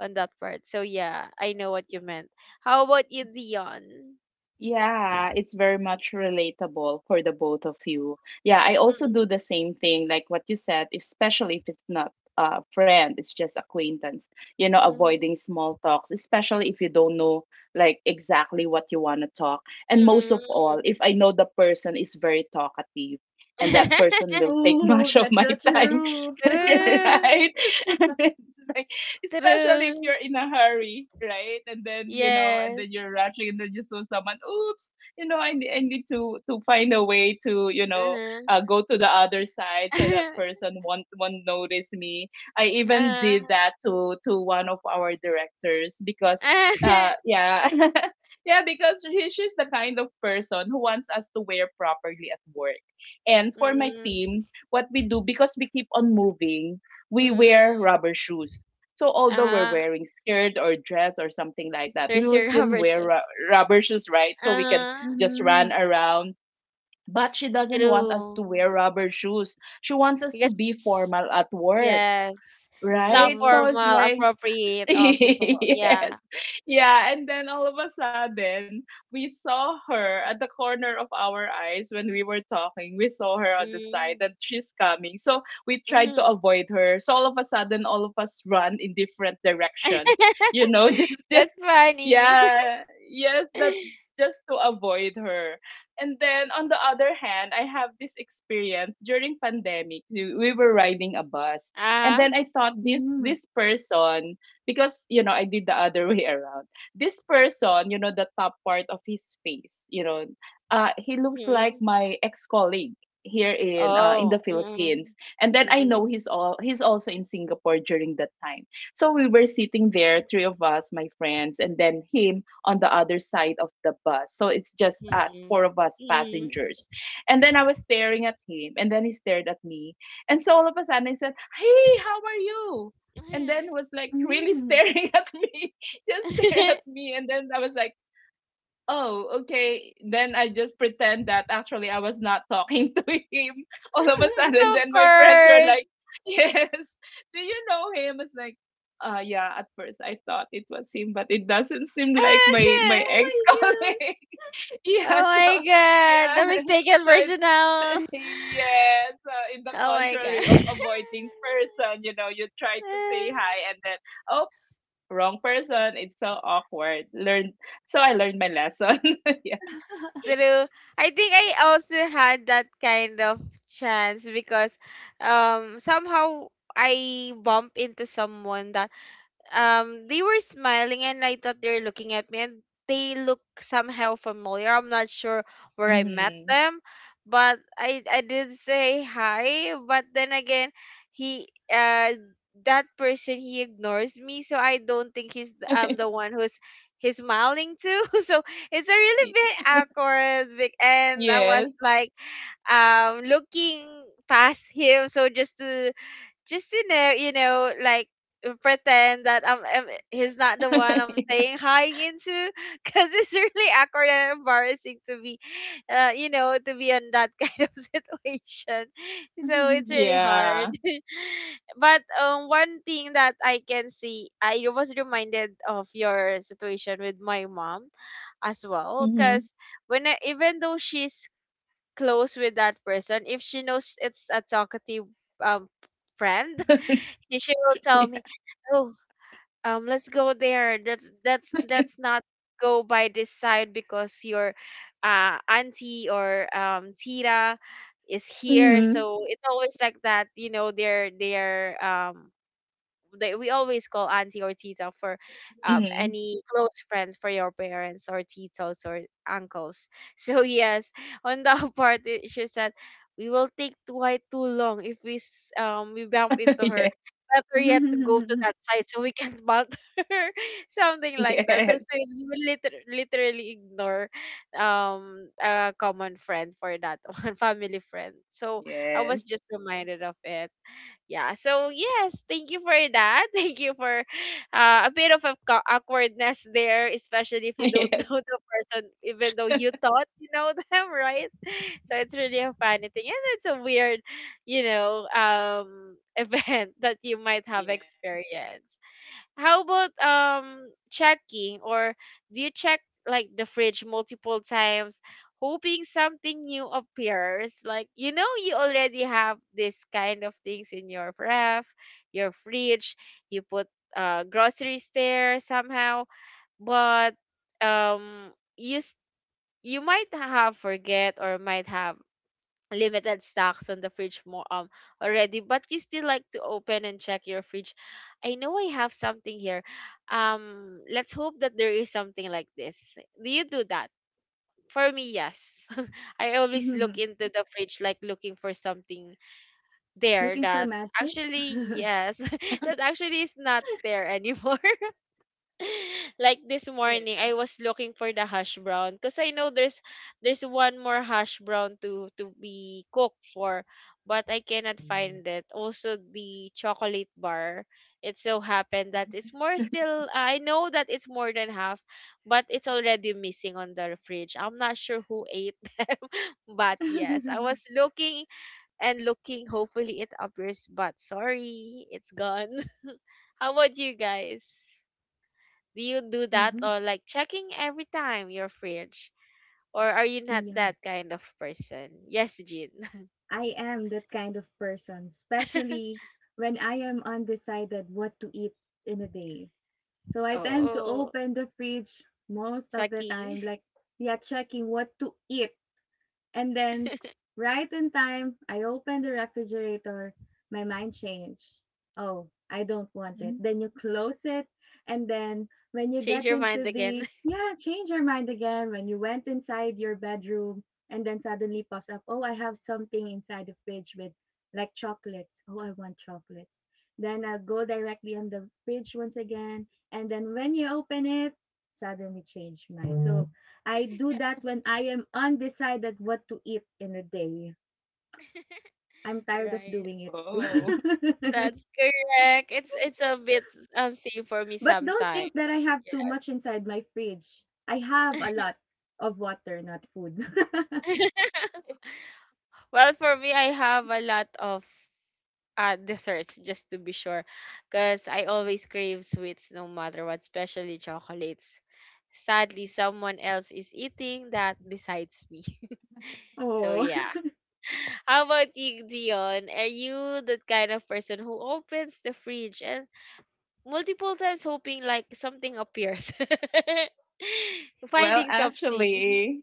Speaker 1: on that part. So yeah, I know what you meant. How about you, Dion?
Speaker 3: Yeah, it's very much relatable for the both of you. Yeah, I also do
Speaker 1: Mm-mm,
Speaker 3: the same thing, like what you said, especially if it's not a friend, it's just acquaintance, you know,
Speaker 1: mm-hmm,
Speaker 3: avoiding small talks, especially if you don't know like exactly what you want to talk. And most of
Speaker 1: mm-mm.
Speaker 3: all, if I know the person is very talkative and that person will
Speaker 1: <laughs>
Speaker 3: take <laughs>
Speaker 2: Oh,
Speaker 3: much of
Speaker 2: that's
Speaker 3: my
Speaker 2: so
Speaker 3: time,
Speaker 2: true.
Speaker 3: <laughs> right?
Speaker 1: True,
Speaker 3: <laughs> It's like, <laughs> especially if
Speaker 1: true.
Speaker 3: you're in a hurry, right? And then you know, and
Speaker 1: Yes.
Speaker 3: then you're rushing, and then you saw someone. Oops, you know, I, ne- I need to to find a way to, you know,
Speaker 1: Uh-huh.
Speaker 3: uh, go to the other side so that
Speaker 1: <laughs>
Speaker 3: person won't won't notice me. I even did
Speaker 1: Uh-huh.
Speaker 3: that to to one of our directors because, uh,
Speaker 1: <laughs>
Speaker 3: yeah. <laughs> Yeah, because she, she's the kind of person who wants us to wear properly at work. And for my
Speaker 1: Mm,
Speaker 3: team, what we do, because we keep on moving, we wear
Speaker 1: mm.
Speaker 3: rubber shoes. So although we're
Speaker 1: Ah,
Speaker 3: wearing skirt or dress or something like that, we
Speaker 1: there's
Speaker 3: will
Speaker 1: your <laughs>
Speaker 3: still
Speaker 1: rubber
Speaker 3: wear
Speaker 1: shoes.
Speaker 3: ru- rubber shoes, right? So we can
Speaker 1: Uh,
Speaker 3: just run
Speaker 2: Mhm.
Speaker 3: around. But she doesn't want us to
Speaker 1: true.
Speaker 3: wear rubber shoes. She wants us to be
Speaker 1: Because
Speaker 3: formal at work,
Speaker 1: yes, it's not
Speaker 3: right? So
Speaker 2: Oh.
Speaker 3: it's
Speaker 1: formal,
Speaker 3: like <laughs>
Speaker 1: appropriate office work.
Speaker 3: yes.
Speaker 1: Yeah.
Speaker 3: Yeah, and then all of a sudden, we saw her at the corner of our eyes when we were talking. We saw her on the side
Speaker 1: Mm.
Speaker 3: that she's coming. So we tried to
Speaker 1: Mm.
Speaker 3: avoid her. So all of a sudden, all of us run in different directions. You
Speaker 1: <laughs>
Speaker 3: know, <laughs> just
Speaker 1: That's funny.
Speaker 3: yeah, yes, that
Speaker 1: <laughs>
Speaker 3: just to avoid her. And then on the other hand, I have this experience during pandemic. We we were riding a bus, and
Speaker 1: Ah.
Speaker 3: then I thought this
Speaker 2: Mm,
Speaker 3: this person because you know I did the other <laughs> way around. This person, you know, the top part of his face, you know, uh, he looks like
Speaker 1: Mm.
Speaker 3: my ex colleague here in uh, in the
Speaker 1: Oh. Mm.
Speaker 3: Philippines. And then I know
Speaker 1: Mm.
Speaker 3: he's all he's also in Singapore during that time. So we were sitting there, three of us, my friends, and then him on the other side of the bus. So it's just us, four
Speaker 1: Mm.
Speaker 3: of us
Speaker 1: Mm.
Speaker 3: passengers. And then I was staring at him, and then he stared at me. And so all of a sudden I said, Hey, how are you?
Speaker 1: <laughs>
Speaker 3: And
Speaker 1: It's
Speaker 3: then was like really
Speaker 2: mm.
Speaker 3: staring <laughs> at me, just stare at me. And then I was like, Oh, okay. Then I just pretend that actually I was not talking <laughs> to him. All of a sudden,
Speaker 2: <laughs>
Speaker 3: then my friends
Speaker 1: awkward.
Speaker 3: were
Speaker 1: <laughs>
Speaker 3: like, Yes, <laughs> do you know him? It's like, uh, yeah, at first I thought it was him, but it doesn't seem like my, my ex
Speaker 2: Oh
Speaker 3: colleague. <laughs>
Speaker 1: Oh
Speaker 3: yeah, so,
Speaker 1: my god,
Speaker 3: yeah.
Speaker 1: the
Speaker 3: <laughs>
Speaker 1: mistaken
Speaker 3: So,
Speaker 1: personnel.
Speaker 3: it,
Speaker 1: <laughs>
Speaker 3: <laughs> yeah, so in the
Speaker 1: Oh my god.
Speaker 3: contrary of
Speaker 1: <laughs>
Speaker 3: avoiding person, you know, you try to say hi and then, oops, wrong person. It's so awkward. Learn. So I learned my lesson. <laughs> Yeah.
Speaker 1: True. I think I also had that kind of chance because um somehow I bump into someone that um they were smiling and I thought they were looking at me, and they look somehow familiar. I'm not sure where I met
Speaker 3: Mhm.
Speaker 1: them, but I I did say hi, but then again, he uh that person he ignores me, so I don't think he's th- I'm the one who's he's smiling to. <laughs> So it's a really
Speaker 3: Y
Speaker 1: bit
Speaker 3: <laughs>
Speaker 1: awkward bec- and I
Speaker 3: yes.
Speaker 1: was like um looking past him, so just to just to know, you know, like, uh, pretend that I'm, I'm he's not the one I'm
Speaker 3: <laughs>
Speaker 1: saying hi into, <laughs> because it's really awkward and embarrassing to be, uh, you know, to be on that <laughs> kind of situation. So it's
Speaker 2: my
Speaker 1: really hard.
Speaker 3: Yeah.
Speaker 1: <laughs> But um, one thing that I can see, I was reminded of your situation with my mom as well, because
Speaker 3: Mhm.
Speaker 1: when I, even though she's close with that person, if she knows it's a talkative um friend, and she will
Speaker 3: Yeah.
Speaker 1: tell me, "Oh, um, let's go there. That's that's that's not go by this side because your uh auntie or um Tira is here."
Speaker 3: Mhm.
Speaker 1: So it's always like that, you know. They're they're um they, we always call auntie or tita for um,
Speaker 3: Mhm.
Speaker 1: any close friends for your parents, or titos or uncles. <laughs> So yes, on that <laughs> part, it, she said, we will take too high, too long, if we s- um we bump into
Speaker 3: Yes.
Speaker 1: her. Better yet to go to
Speaker 2: gosh.
Speaker 1: that side so we can bump <laughs> her, something like that.
Speaker 3: <laughs>
Speaker 1: So, so you will liter- literally ignore um a common friend for that <laughs> one, family friend. So I
Speaker 3: Yes. Yes.
Speaker 1: was just reminded of it. Yeah, so yes, thank you for that. <laughs> Thank you for uh, a bit of a co- awkwardness there, especially if
Speaker 3: <laughs>
Speaker 1: you don't <laughs>
Speaker 3: Yes.
Speaker 1: know the person even though you
Speaker 3: <laughs>
Speaker 1: thought you know them, <laughs> right? So it's really a funny thing, and it's a weird, you know, um <laughs> event that you might have
Speaker 3: Yeah.
Speaker 1: experienced. How about um checking, or do you check, like, the fridge multiple times, hoping something new appears? Like, you know, you already have this kind of things in your ref, your fridge, you put uh groceries there somehow, but um you s- you might have forget or might have limited stocks on the fridge more um already, but you still like to open and check your fridge. I know I have something here, um let's hope that there is something like this. Do you do that? For me, yes. <laughs> I always look
Speaker 2: <laughs>
Speaker 1: into the fridge, like looking for something there
Speaker 2: Looking for
Speaker 1: that,
Speaker 2: magic?
Speaker 1: actually,
Speaker 2: <laughs>
Speaker 1: yes, <laughs> that actually is not there <laughs> anymore. <laughs> Like this
Speaker 3: Yes.
Speaker 1: morning I was looking for the hash brown because I know there's there's one more hash brown to to be cooked for, but I cannot find it. Also the chocolate bar, it so happened that it's
Speaker 3: Mhm.
Speaker 1: more, still I know that it's more than half, but it's already missing on the fridge. I'm not sure who ate <laughs> them, but yes, I was looking and looking, hopefully it appears, but sorry, it's gone. <laughs> How about you guys? Do you do that,
Speaker 2: Mhm.
Speaker 1: or like checking every time your fridge? Or are you not
Speaker 2: Yeah,
Speaker 1: that kind of person? Yes, Jean.
Speaker 2: I am that kind of person,
Speaker 1: <laughs>
Speaker 2: especially when I am undecided what to eat in a day. So I tend to
Speaker 1: Oh,
Speaker 2: open the fridge most of the
Speaker 1: checking.
Speaker 2: time, like, yeah, checking what to eat. And then, right in time, I open the refrigerator. My mind changed. Oh, I don't want
Speaker 3: Mhm.
Speaker 2: it. Then you close it. And then, when
Speaker 1: <laughs>
Speaker 2: you
Speaker 1: Change
Speaker 2: get
Speaker 1: your mind
Speaker 2: into
Speaker 1: again.
Speaker 2: the, yeah, change your mind again. When you went inside your bedroom, and then suddenly pops up, oh, I have something inside the fridge with like chocolates. Oh, I want chocolates. Then I'll go directly on the fridge once again. And then, when you open it, suddenly change mind. So, I do that when I am undecided what to eat in a day. I'm
Speaker 1: <laughs>
Speaker 2: tired of
Speaker 1: Right.
Speaker 2: doing it. too.
Speaker 3: Oh.
Speaker 2: <laughs>
Speaker 1: That's correct. It's
Speaker 3: <laughs>
Speaker 1: it's a bit um same for me
Speaker 2: But don't
Speaker 1: sometimes.
Speaker 2: think that I have
Speaker 1: Yeah.
Speaker 2: too much inside my fridge. I have a lot of water, not food.
Speaker 1: <laughs> Well, for me, I have a lot of uh, desserts just to be sure, because I always crave sweets no matter what, especially chocolates. Sadly, someone else is eating that besides me. <laughs>
Speaker 2: <laughs>
Speaker 1: So
Speaker 2: Oh.
Speaker 1: yeah.
Speaker 2: <laughs>
Speaker 1: How about you, Dion? Are you that kind of person who opens the fridge and multiple times hoping like something appears? <laughs>
Speaker 3: Well,
Speaker 1: Finding something.
Speaker 3: actually,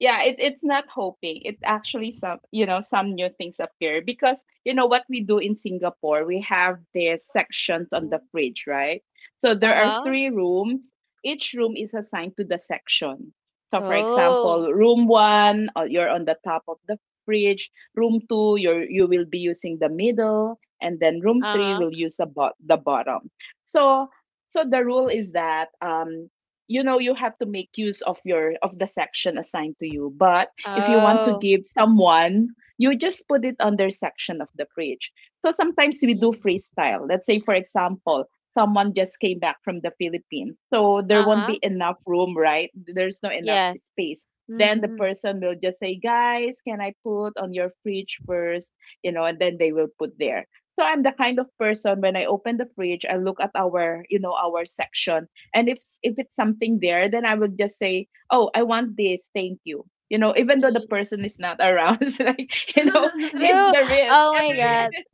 Speaker 3: yeah it, it's not hoping. It's actually some, you know, some new things appear, because you know what we do in Singapore, we have the sections on the fridge, right? So
Speaker 1: Uh
Speaker 3: there are
Speaker 1: huh.
Speaker 3: three rooms. Each room is assigned to the section. So for
Speaker 1: Oh.
Speaker 3: example, room one, uh, you're on the top of the fridge, room two you're, you will be using the middle, and then room three
Speaker 1: Uh
Speaker 3: will
Speaker 1: huh.
Speaker 3: use the, bo- the bottom. So so the rule is that um you know you have to make use of your of the section assigned to you. But if you want to
Speaker 1: Oh.
Speaker 3: give someone, you just put it on their section of the preach. So sometimes we do
Speaker 1: Mm.
Speaker 3: freestyle. Let's say for example, someone just came back from the Philippines, so there won't be
Speaker 1: Uh-huh.
Speaker 3: enough room, right? There's no enough
Speaker 1: Yes.
Speaker 3: space. Then the
Speaker 2: Mhm.
Speaker 3: person will just say, guys, can I put on your fridge first? You know, and then they will put there. So I'm the kind of person, when I open the fridge, I look at our, you know, our section. And if if it's something there, then I would just say, oh, I want this, thank you. You know, even though the
Speaker 1: Mm.
Speaker 3: person is not around, <laughs> it's like, you know, it's
Speaker 1: True.
Speaker 3: the risk
Speaker 1: Oh my
Speaker 3: every
Speaker 1: God.
Speaker 3: <laughs>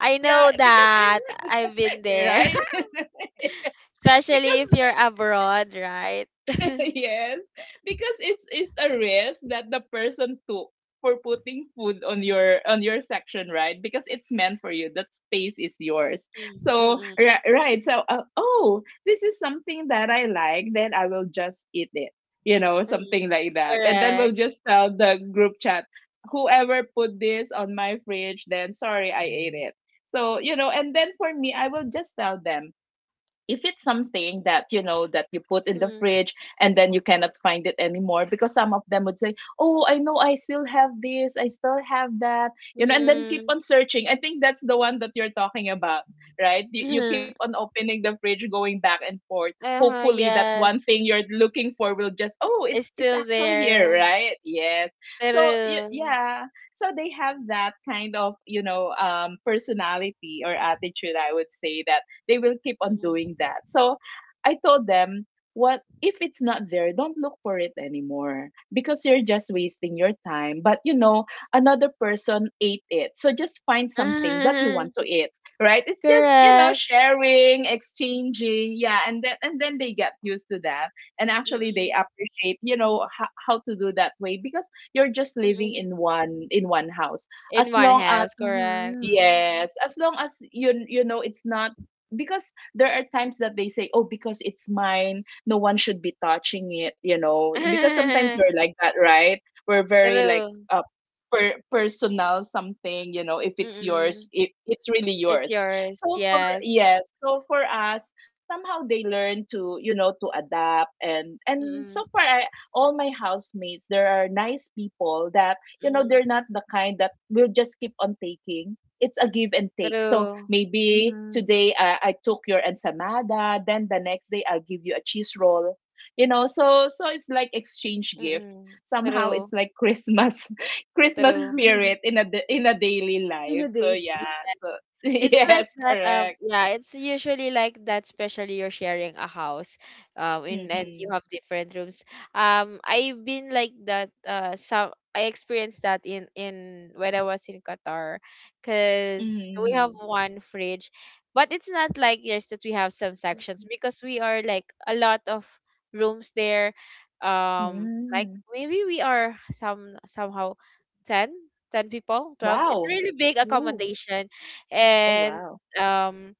Speaker 1: I
Speaker 3: yeah,
Speaker 1: know that.
Speaker 3: because
Speaker 1: I've been
Speaker 3: in <laughs>
Speaker 1: there.
Speaker 3: right
Speaker 1: <laughs>
Speaker 3: <laughs>
Speaker 1: Especially
Speaker 3: because
Speaker 1: if you're abroad, right? <laughs>
Speaker 3: <laughs> yes, because it's it's a risk that the person took for putting food on your on your section, right? Because it's meant for you. That space is yours.
Speaker 1: Mm,
Speaker 3: So
Speaker 1: mm-mm.
Speaker 3: ri- right. So uh, oh, this is something that I like. Then I will just eat it. You know,
Speaker 1: Mm-mm.
Speaker 3: something like that. And then we'll
Speaker 1: Correct.
Speaker 3: just tell the group chat, whoever put this on my fridge, then sorry, I ate it. So you know, and then for me, I will just tell them, if it's something that you know that you put in the
Speaker 1: Mm,
Speaker 3: fridge, and then you cannot find it anymore, because some of them would say, oh, I know I still have this, I still have that, you know, and then keep
Speaker 1: mm-mm.
Speaker 3: on searching. I think that's the one that you're talking about, right? You, you keep on
Speaker 1: <laughs>
Speaker 3: opening the fridge going back and forth,
Speaker 1: Uh-huh.
Speaker 3: hopefully that one thing
Speaker 1: Yes.
Speaker 3: you're looking for will just, oh,
Speaker 1: It's
Speaker 3: it's it's
Speaker 1: still
Speaker 3: actually here,
Speaker 1: there.
Speaker 3: right? Yes. So y-
Speaker 1: True.
Speaker 3: yeah, so they have that kind of, you know, um personality or attitude, I would say, that they will keep
Speaker 1: <laughs>
Speaker 3: on
Speaker 1: Mm-mm.
Speaker 3: doing that. So I told them, what if it's not there, don't look for it anymore, because you're just wasting your time. But you know, another person ate it. So just find something that you
Speaker 1: Uh-huh.
Speaker 3: want to eat, right? It's just, you know,
Speaker 1: Correct.
Speaker 3: sharing, exchanging. Yeah, and then, and then they get used to that. And actually they
Speaker 1: Mm-mm.
Speaker 3: appreciate, you know, how, how to do that way, because you're just living
Speaker 1: Mm-mm.
Speaker 3: in one, in one house.
Speaker 1: In
Speaker 3: As
Speaker 1: one
Speaker 3: long as,
Speaker 1: house, correct.
Speaker 2: Mhm.
Speaker 3: yes, as long as you, you know, it's not, because there are times that they say, "Oh, because it's mine, no one should be touching it," you know. Because sometimes we're
Speaker 1: <laughs>
Speaker 3: like that, right? We're very like
Speaker 1: True.
Speaker 3: uh per personal something, you know, if it's yours,
Speaker 1: Mm-mm.
Speaker 3: it, it's really
Speaker 1: It's
Speaker 3: yours.
Speaker 1: yours.
Speaker 3: So for
Speaker 1: Yes.
Speaker 3: yes, so for us, somehow they learn to, you know, to adapt. and and so
Speaker 1: Mm-mm.
Speaker 3: far I, all my housemates, there are nice people, that you know
Speaker 1: Mm.
Speaker 3: they're not the kind that will just keep on taking. It's a give and take. So
Speaker 1: True.
Speaker 3: maybe
Speaker 2: Mhm.
Speaker 3: today, uh, I took your ensamada, then the next day I'll give you a cheese roll. You know, so so it's like exchange gift.
Speaker 1: Mm-mm.
Speaker 3: Somehow
Speaker 1: True.
Speaker 3: it's like Christmas, <laughs> Christmas
Speaker 1: True.
Speaker 3: spirit
Speaker 2: <laughs>
Speaker 3: in a da- in a daily
Speaker 2: <laughs> in
Speaker 3: life.
Speaker 2: a
Speaker 3: So
Speaker 2: day.
Speaker 3: yeah, so <laughs>
Speaker 1: It's like
Speaker 3: yes,
Speaker 1: that. Um,
Speaker 3: correct.
Speaker 1: yeah, it's usually like that. Especially you're sharing a house, um, in and
Speaker 3: Mm-hmm.
Speaker 1: you have different rooms. Um, I've been like that. Uh, some I experienced that in in when I was in Qatar, cause we have
Speaker 3: Mm-hmm.
Speaker 1: one fridge, but it's not like yours that we have some sections because we are like a lot of rooms there. Um, like
Speaker 3: Mm.
Speaker 1: maybe we are some somehow ten. 10 people twelve, it's
Speaker 3: Wow.
Speaker 1: really big
Speaker 2: Ooh.
Speaker 1: accommodation,
Speaker 3: Oh
Speaker 1: and
Speaker 3: wow.
Speaker 1: um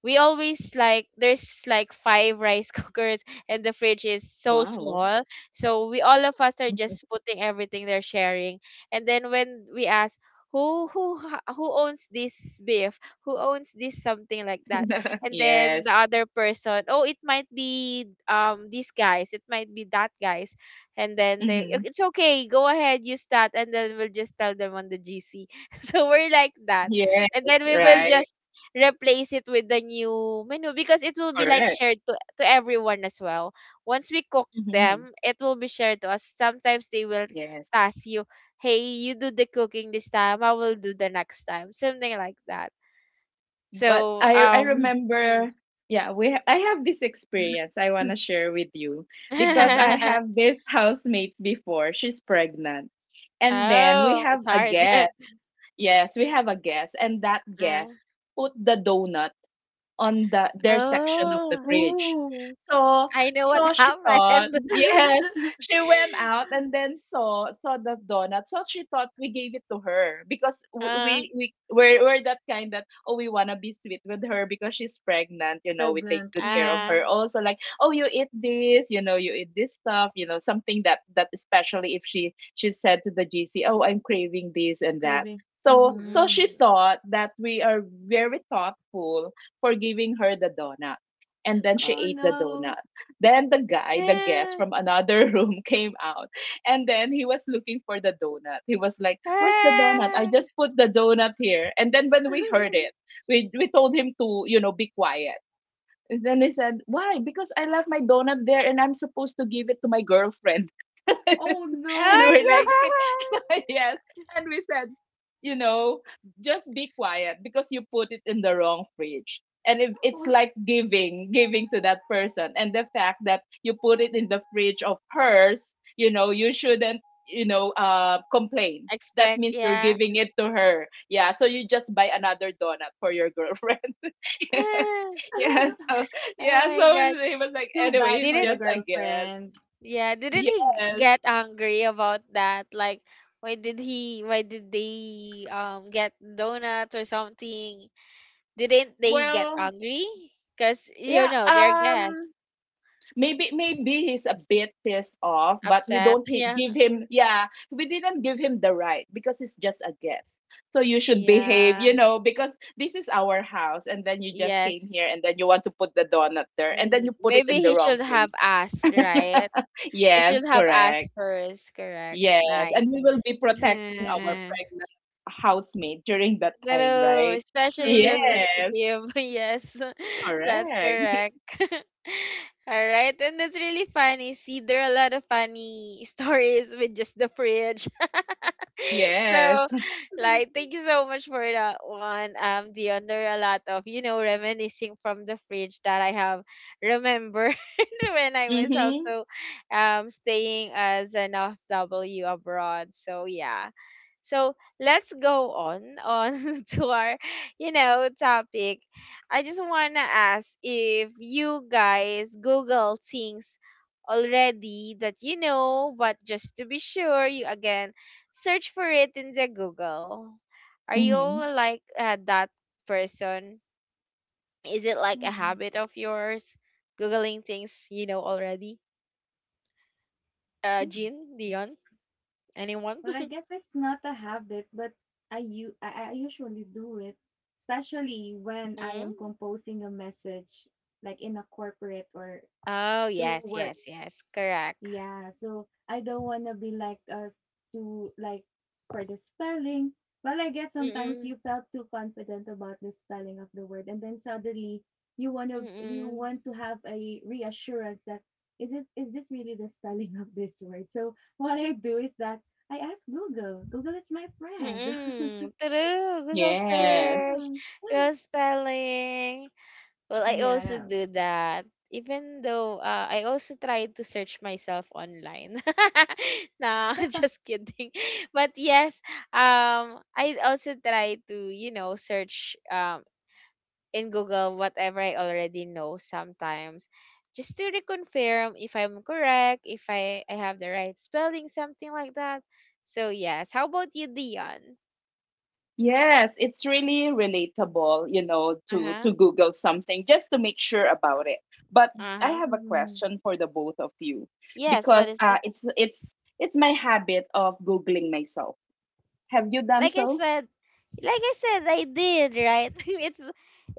Speaker 1: we always, like, there's like five rice <laughs> cookers and the fridge is so
Speaker 3: Wow.
Speaker 1: small, so we all of us are just putting everything they're sharing. And then when we ask, who who ha- who owns this beef, who owns this, something like that.
Speaker 3: <laughs>
Speaker 1: And then
Speaker 3: yes.
Speaker 1: the other person, oh, it might be, um these guys, it might be that guys, and then they, "Oh,
Speaker 3: Mm-hmm.
Speaker 1: it's okay, go ahead, use that, and then we'll just tell them on the gc." <laughs> So we're like that,
Speaker 3: Yes.
Speaker 1: and then we will
Speaker 3: Right.
Speaker 1: just replace it with the new menu because it will be like
Speaker 3: Correct.
Speaker 1: shared to to everyone as well. Once we cook
Speaker 3: Mm-hmm.
Speaker 1: them, it will be shared to us. Sometimes they will
Speaker 3: Yes.
Speaker 1: task you, "Hey, you do the cooking this time. I will do the next time." Something like that.
Speaker 3: But
Speaker 1: So,
Speaker 3: I I
Speaker 1: um
Speaker 2: Mhm.
Speaker 1: mm.
Speaker 3: remember, yeah, we ha- I have this experience I want to share with you, because I
Speaker 2: Mhm.
Speaker 3: have
Speaker 1: <laughs>
Speaker 3: this <laughs> housemates before, she's pregnant, and then we
Speaker 1: Oh,
Speaker 3: have
Speaker 1: it's
Speaker 3: a
Speaker 1: hard. <laughs>
Speaker 3: guest, yes, we have a guest, and that
Speaker 1: Ah.
Speaker 3: guest put the donut on the their section of the
Speaker 1: Oh,
Speaker 3: bridge.
Speaker 2: Ooh.
Speaker 3: So
Speaker 1: I know what
Speaker 3: so she thought,
Speaker 1: happened.
Speaker 3: <laughs>
Speaker 1: <laughs>
Speaker 3: yes,
Speaker 2: <clears throat> <laughs>
Speaker 3: she went out and then saw saw the donut. So she thought we gave it to her, because w-
Speaker 1: Ah,
Speaker 3: we we we're, we're that kind that, oh, we wanna be sweet with her because she's pregnant. You know, we take
Speaker 2: Pregnant.
Speaker 3: good care of
Speaker 2: Mhm.
Speaker 3: her.
Speaker 1: ah.
Speaker 3: Also like, oh, you eat this, you know, you eat this stuff. You know, something that, that especially if she she said to the G C, oh, I'm craving this and that.
Speaker 2: Craving.
Speaker 3: So so
Speaker 2: Mhm.
Speaker 3: she
Speaker 1: Mm-mm. <laughs>
Speaker 3: thought that we are very thoughtful for giving her the donut. And then she
Speaker 2: Oh
Speaker 3: ate the
Speaker 2: no.
Speaker 3: donut. Then the guy, the guest
Speaker 1: Ah,
Speaker 3: from another <laughs> room came out. And then he was looking for the donut. He was like, Where's the donut? I
Speaker 1: ah.
Speaker 3: just put the donut here. And then when we
Speaker 2: <laughs>
Speaker 3: heard it, we, we told him to, you know, be quiet. And then he said, Why? Because I left my donut there and I'm supposed to give it to my girlfriend. <laughs> and
Speaker 2: Oh
Speaker 3: we're
Speaker 2: no.
Speaker 1: Oh
Speaker 3: like,
Speaker 1: my <laughs>
Speaker 3: <laughs>
Speaker 1: God.
Speaker 3: yes. And we said, you know, just be quiet because you put it in the wrong fridge. And if it's like giving, giving to that person. And the fact that you put it in the fridge of hers, you know, you shouldn't, you know, uh, complain. That
Speaker 1: Expect,
Speaker 3: means you're
Speaker 1: yeah.
Speaker 3: giving it to her. Yeah. So you just buy another donut for your girlfriend. <laughs>
Speaker 1: <sighs>
Speaker 3: yeah.
Speaker 2: <laughs>
Speaker 3: So,
Speaker 1: Ah, oh
Speaker 3: yeah.
Speaker 1: my
Speaker 3: So
Speaker 1: god.
Speaker 3: he was like,
Speaker 2: Too
Speaker 3: anyway,
Speaker 2: bad
Speaker 3: it's
Speaker 2: for
Speaker 1: Didn't
Speaker 2: the
Speaker 3: just a guess.
Speaker 2: girlfriend.
Speaker 1: yeah, didn't he g-
Speaker 3: Yes.
Speaker 1: get angry about that? Like why did he why did they um get donuts or something? Didn't they get
Speaker 3: Well,
Speaker 1: angry? Cuz you
Speaker 3: yeah.
Speaker 1: know, they're guests.
Speaker 3: Um, Maybe maybe he's a bit pissed off, but we
Speaker 1: Upset.
Speaker 3: don't
Speaker 1: <laughs>
Speaker 3: hi-
Speaker 1: Yeah.
Speaker 3: give him, yeah, we didn't give him the right because it's just a guest. So you should behave,
Speaker 1: Yeah.
Speaker 3: you know, because this is our house, and then you just came
Speaker 1: Yes.
Speaker 3: here and then you want to put the donut there and then you
Speaker 1: Mm,
Speaker 3: put it
Speaker 1: maybe
Speaker 3: in the
Speaker 1: he
Speaker 3: wrong
Speaker 1: should have
Speaker 3: place.
Speaker 1: asked, right?
Speaker 3: <laughs>
Speaker 1: He
Speaker 3: yes,
Speaker 1: should have asked
Speaker 3: correct.
Speaker 1: first, correct.
Speaker 3: Yes, and
Speaker 1: Nice.
Speaker 3: we will be
Speaker 1: <laughs>
Speaker 3: protecting our pregnant housemate during that time,
Speaker 1: True,
Speaker 3: right?
Speaker 1: especially they're
Speaker 2: True.
Speaker 3: Yes,
Speaker 1: sensitive. <laughs> Yes, <laughs> that's
Speaker 3: correct.
Speaker 1: correct. <laughs> All right, and that's really funny. See, there are a lot of funny <laughs> stories with just the fridge. <laughs> so,
Speaker 3: Yes. <laughs>
Speaker 1: like, thank you so much for that one, um, Dion. There are a lot of you know reminiscing from the fridge that I have remembered <laughs> when I was
Speaker 3: Mhm.
Speaker 1: also um staying as an F W abroad. So yeah, so let's go on on <laughs> to our, you know, topic. I just wanna ask if you guys Google things already that you know, but just to be sure, you again search for it in the Google. Are you
Speaker 3: Mhm.
Speaker 1: like uh, that person? Is it like a
Speaker 2: Mhm,
Speaker 1: habit of yours, googling things you know already? Uh,
Speaker 2: mhm.
Speaker 1: Jean, Dion, anyone?
Speaker 2: Well, I
Speaker 1: <laughs>
Speaker 2: guess it's not a habit, but I u I I usually do it, especially when I
Speaker 1: Mm?
Speaker 2: am composing a message, like in a corporate or
Speaker 1: Oh
Speaker 2: through
Speaker 1: yes,
Speaker 2: work.
Speaker 1: yes, yes, correct.
Speaker 2: Yeah, so I don't want to be like us to like for the spelling. Well, I guess sometimes
Speaker 1: Mm,
Speaker 2: you felt too confident about the spelling of the word, and then suddenly you want to you
Speaker 1: mm,
Speaker 2: want to have a reassurance that is it is this really the spelling of this word? So what I do is that I ask Google. Google is my friend. <laughs>
Speaker 1: mm. True. Google
Speaker 3: Yes.
Speaker 1: search,
Speaker 2: Yeah.
Speaker 1: Google spelling. Well, I also
Speaker 2: Yes.
Speaker 1: do that. Even though uh, I also try to search myself online. <laughs> nah, <laughs> just kidding. But yes, um, I also try to you know search um in Google whatever I already know sometimes just to reconfirm if I'm correct, if I, I have the right spelling, something like that. So yes. How about you, Dion?
Speaker 3: Yes, it's really relatable, you know, to
Speaker 1: Uh-huh.
Speaker 3: to Google something just to make sure about it. But I
Speaker 1: Uh-huh.
Speaker 3: have a
Speaker 2: Mhm.
Speaker 3: question for the both of you,
Speaker 1: Yes, what
Speaker 3: because
Speaker 1: is
Speaker 3: uh
Speaker 1: it?
Speaker 3: it's it's it's my habit of Googling myself. Have you done
Speaker 1: Like I
Speaker 3: so?
Speaker 1: said, like I said, I did, right? <laughs> it's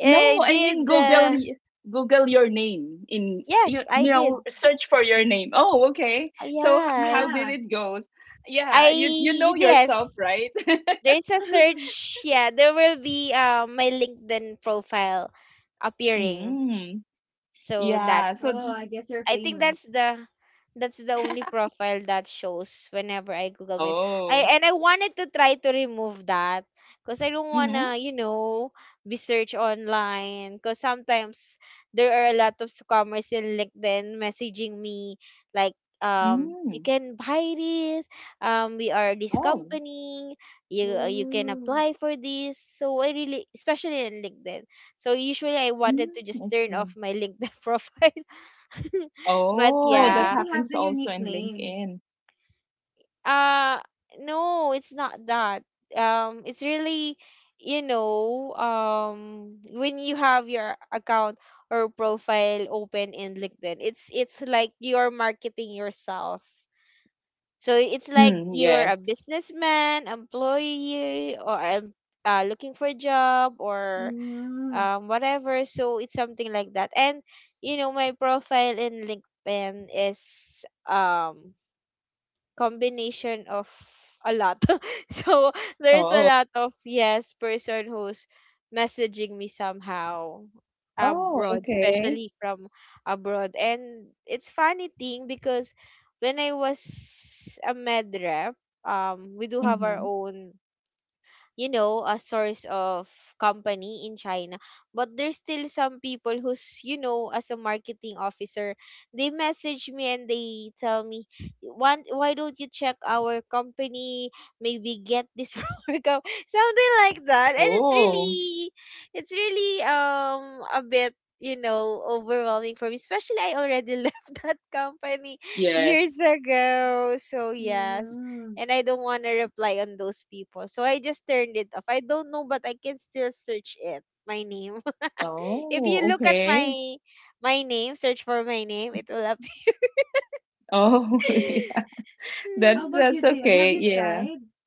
Speaker 1: I
Speaker 3: No, I mean
Speaker 1: did
Speaker 3: Google
Speaker 1: uh,
Speaker 3: y- Google your name, in, you,
Speaker 1: yes, I
Speaker 3: you know,
Speaker 1: did.
Speaker 3: search for your name. Oh, okay. So h- how
Speaker 1: Yes.
Speaker 3: did
Speaker 2: Yeah.
Speaker 3: it goes? Yeah, you you
Speaker 1: I
Speaker 3: know
Speaker 1: yes.
Speaker 3: yourself, right?
Speaker 1: There's a
Speaker 2: <laughs>
Speaker 1: search, yeah, there will be uh, my LinkedIn profile
Speaker 3: <laughs>
Speaker 1: appearing.
Speaker 3: mm,
Speaker 1: So
Speaker 3: yeah. So
Speaker 2: Oh,
Speaker 1: that's
Speaker 2: I guess you're
Speaker 1: I think that's
Speaker 2: famous.
Speaker 1: the that's the only profile that shows whenever I Google myself.
Speaker 3: oh.
Speaker 1: I and I wanted to try to remove that because I don't wanna,
Speaker 3: Mm-hmm.
Speaker 1: you know, be searched online. Because sometimes there are a lot of scammers in LinkedIn messaging me like, um, you
Speaker 3: Mm.
Speaker 1: can buy this. Um, we are this
Speaker 3: Oh.
Speaker 1: company. You you can
Speaker 2: Ooh.
Speaker 1: apply for this. So I really, especially in LinkedIn. So usually I
Speaker 3: Mm,
Speaker 1: wanted to just
Speaker 3: I
Speaker 1: turn
Speaker 3: see.
Speaker 1: off my LinkedIn <laughs> profile. <laughs> but
Speaker 2: Well,
Speaker 3: Oh,
Speaker 2: I
Speaker 3: that
Speaker 2: guess
Speaker 1: yeah.
Speaker 2: you have
Speaker 3: happens
Speaker 2: the
Speaker 3: also
Speaker 2: unique
Speaker 3: in
Speaker 2: name.
Speaker 3: LinkedIn.
Speaker 1: Uh no, it's not that. Um it's really you know, um when you have your account or profile open in LinkedIn, it's it's like you're marketing yourself. So it's like
Speaker 3: Mm,
Speaker 1: you're a
Speaker 3: yes.
Speaker 1: businessman, employee or um, uh, looking for a job or
Speaker 2: Mhm,
Speaker 1: um whatever, so it's something like that. And you know my profile in LinkedIn is um combination of a lot. <laughs> So there's a
Speaker 3: Oh.
Speaker 1: lot of yes person who's messaging me somehow
Speaker 3: Oh,
Speaker 1: abroad
Speaker 3: okay.
Speaker 1: especially from abroad. And it's funny thing because when I was a med rep, um we do have our
Speaker 3: Mm-hmm.
Speaker 1: own, you know, a source of company in China, but there's still some people who's you know as a marketing officer, they message me and they tell me, "Want? Why don't you check our company, maybe get this <laughs> from our com-" something like that. And it's
Speaker 3: Oh,
Speaker 1: really, it's really um a bit, you know, overwhelming for me, especially I already <laughs> left that company years
Speaker 3: yes.
Speaker 1: ago. So yes,
Speaker 2: mhm.
Speaker 1: and I don't want to reply on those people. So I just turned it off. I don't know, but I can still search it. My name. <laughs> If
Speaker 3: Oh,
Speaker 1: you look at
Speaker 3: okay.
Speaker 1: my my name, search for my name, it will appear.
Speaker 3: Oh, <laughs> yeah. That's
Speaker 2: How about
Speaker 3: that's
Speaker 2: you, Dion?
Speaker 3: okay.
Speaker 2: Have you
Speaker 3: Yeah.
Speaker 2: tried?
Speaker 1: <laughs>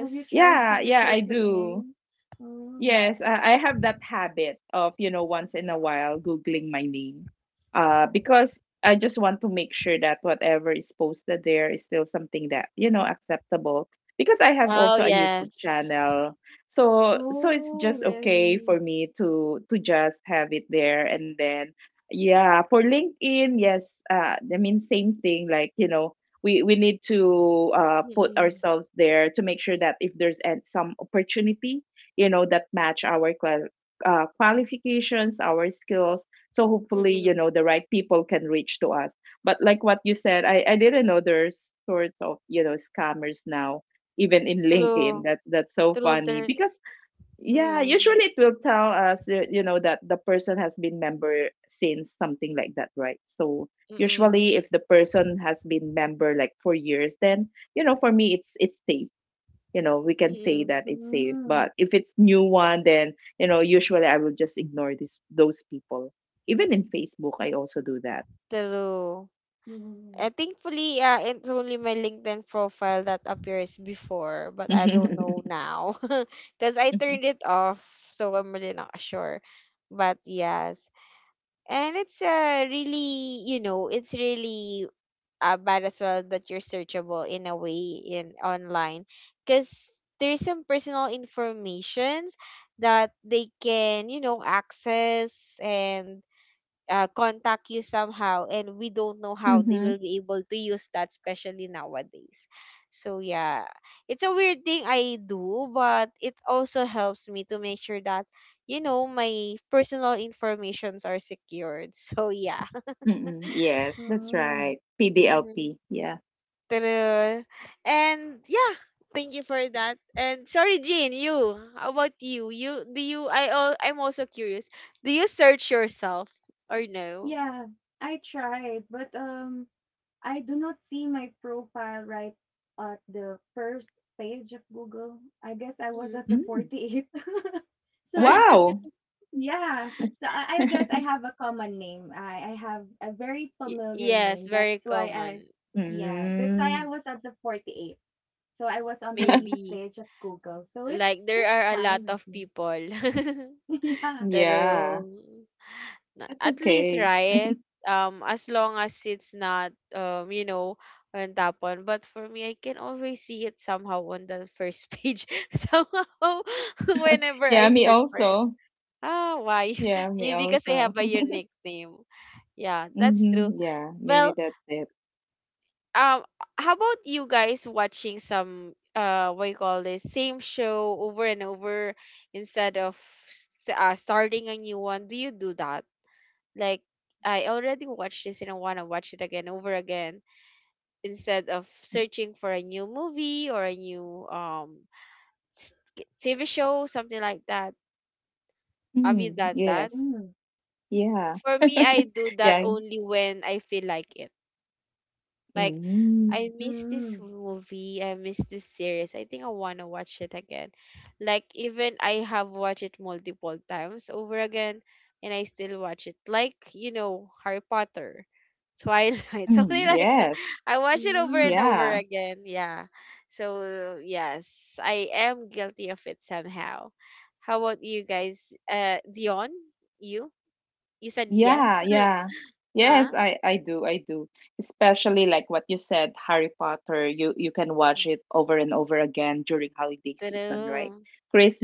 Speaker 2: Have you tried
Speaker 3: Yeah,
Speaker 2: to
Speaker 3: yeah, I
Speaker 2: search your
Speaker 3: do.
Speaker 2: name? Mm.
Speaker 3: Yes, I I have that habit of, you know, once in a while Googling my name uh, because I just want to make sure that whatever is posted there is still something that, you know, acceptable because I have
Speaker 1: Oh,
Speaker 3: also a YouTube
Speaker 1: yes.
Speaker 3: channel. So so it's
Speaker 2: Oh,
Speaker 3: just okay
Speaker 2: really?
Speaker 3: for me to to just have it there and then yeah, for LinkedIn, yes, uh, I mean same thing like, you know, we, we need to uh, put
Speaker 1: Mm-mm.
Speaker 3: ourselves there to make sure that if there's an- some opportunity you know that match our qual- uh, qualifications our skills so hopefully you
Speaker 1: Mm-mm.
Speaker 3: know the right people can reach to us but like what you said i, I didn't know there's sorts of you know scammers now even in linkedin
Speaker 1: True.
Speaker 3: that that's so
Speaker 1: True.
Speaker 3: funny
Speaker 1: There's.
Speaker 3: because yeah
Speaker 1: Mm-mm.
Speaker 3: usually it will tell us uh, you know that the person has been member since something like that right so
Speaker 1: Mm-mm.
Speaker 3: usually if the person has been member like for years then you know for me it's it's safe you know we can say
Speaker 1: Mm-mm.
Speaker 3: that it's safe but
Speaker 2: Mm.
Speaker 3: if it's new one then you know usually I will just ignore this those people even in facebook I also do that
Speaker 1: True. Uh,
Speaker 2: Mm.
Speaker 1: thankfully, yeah, it's only my LinkedIn profile that appears before, but I don't know
Speaker 3: <laughs>
Speaker 1: now. <laughs> Because I turned it off, so I'm really not sure. But yes, and it's uh, really, you know, it's really uh, bad as well that you're searchable in a way in online, because there's some personal informations that they can, you know, access and uh, contact you somehow, and we don't know how
Speaker 3: Mm-hmm.
Speaker 1: they will be able to use that, especially nowadays. So yeah, it's a weird thing I do, but it also helps me to make sure that you know my personal informations are secured. <laughs> So yeah.
Speaker 3: Mm-hmm. Yes, that's
Speaker 2: Mm.
Speaker 3: right.
Speaker 1: Mhm.
Speaker 3: P D L P. Yeah.
Speaker 1: True. And yeah, thank you for that. And sorry, Jane, you. How about you? You do you? I al- I'm also curious. Do you search yourself or no?
Speaker 2: Yeah, I tried, but um, I do not see my profile right at the first page of Google. I guess I was
Speaker 1: Mm.
Speaker 2: at the
Speaker 3: Mm.
Speaker 2: forty eighth. <laughs> So
Speaker 1: <laughs>
Speaker 3: Wow.
Speaker 2: yeah. So I, I guess I
Speaker 3: <laughs>
Speaker 2: have a common name. I, I have a very
Speaker 1: Y-
Speaker 2: familiar
Speaker 1: yes,
Speaker 2: name.
Speaker 1: very
Speaker 2: That's why I,
Speaker 1: common.
Speaker 2: yeah, that's why I
Speaker 3: Mm.
Speaker 2: was at the forty-eight. So I was on the least
Speaker 3: <laughs>
Speaker 1: Maybe
Speaker 2: page of Google. So it's
Speaker 1: like there
Speaker 2: just
Speaker 1: are a
Speaker 2: fine
Speaker 1: lot
Speaker 2: with
Speaker 1: of
Speaker 2: me.
Speaker 1: people.
Speaker 2: <laughs>
Speaker 1: <laughs>
Speaker 2: Yeah.
Speaker 1: True.
Speaker 3: Yeah,
Speaker 1: Na-
Speaker 3: that's
Speaker 1: At least,
Speaker 3: okay.
Speaker 1: right? Um as long as it's not um you know on top one. But for me I can always see it somehow on the first page. <laughs> somehow <laughs> whenever
Speaker 3: Yeah,
Speaker 1: I
Speaker 3: me
Speaker 1: search for it.
Speaker 3: also.
Speaker 1: Ah, why?
Speaker 3: Yeah,
Speaker 1: <laughs>
Speaker 3: me
Speaker 1: Maybe because I
Speaker 3: also.
Speaker 1: have a
Speaker 3: <laughs>
Speaker 1: unique name. Yeah, that's true.
Speaker 3: Mm-hmm. Yeah, maybe
Speaker 1: Well,
Speaker 3: that's it.
Speaker 1: um how about you guys watching some uh what you call this same show over and over instead of s- uh, starting a new one? Do you do that? Like, I already watched this and I want to watch it again over again instead of searching for a new movie or a new um s- k- TV show, something like that. Have you
Speaker 3: Mm.
Speaker 1: done that?
Speaker 3: Yes.
Speaker 2: Mm,
Speaker 3: Yeah.
Speaker 1: For me I do that
Speaker 3: Yeah.
Speaker 1: only when I feel like it. Like, I
Speaker 3: Mm.
Speaker 1: miss this
Speaker 2: mm,
Speaker 1: movie, I miss this series. I think I want to watch it again. Like, even I have watched it multiple times over again and I still watch it. Like, you know, Harry Potter, Twilight, <laughs> something
Speaker 3: Mm,
Speaker 1: like that.
Speaker 3: yes.
Speaker 1: I watch it over
Speaker 2: mm,
Speaker 1: and over
Speaker 3: Yeah.
Speaker 1: again. Yeah. So, yes, I am guilty of it somehow. How about you guys? Uh Dion, you? You said yes.
Speaker 3: Yeah,
Speaker 1: <laughs>
Speaker 3: yeah.
Speaker 1: Ah,
Speaker 3: Yes, I I do. I do. Especially like what you said, Harry Potter, you you can watch it over and over again during holiday season, right?
Speaker 1: true.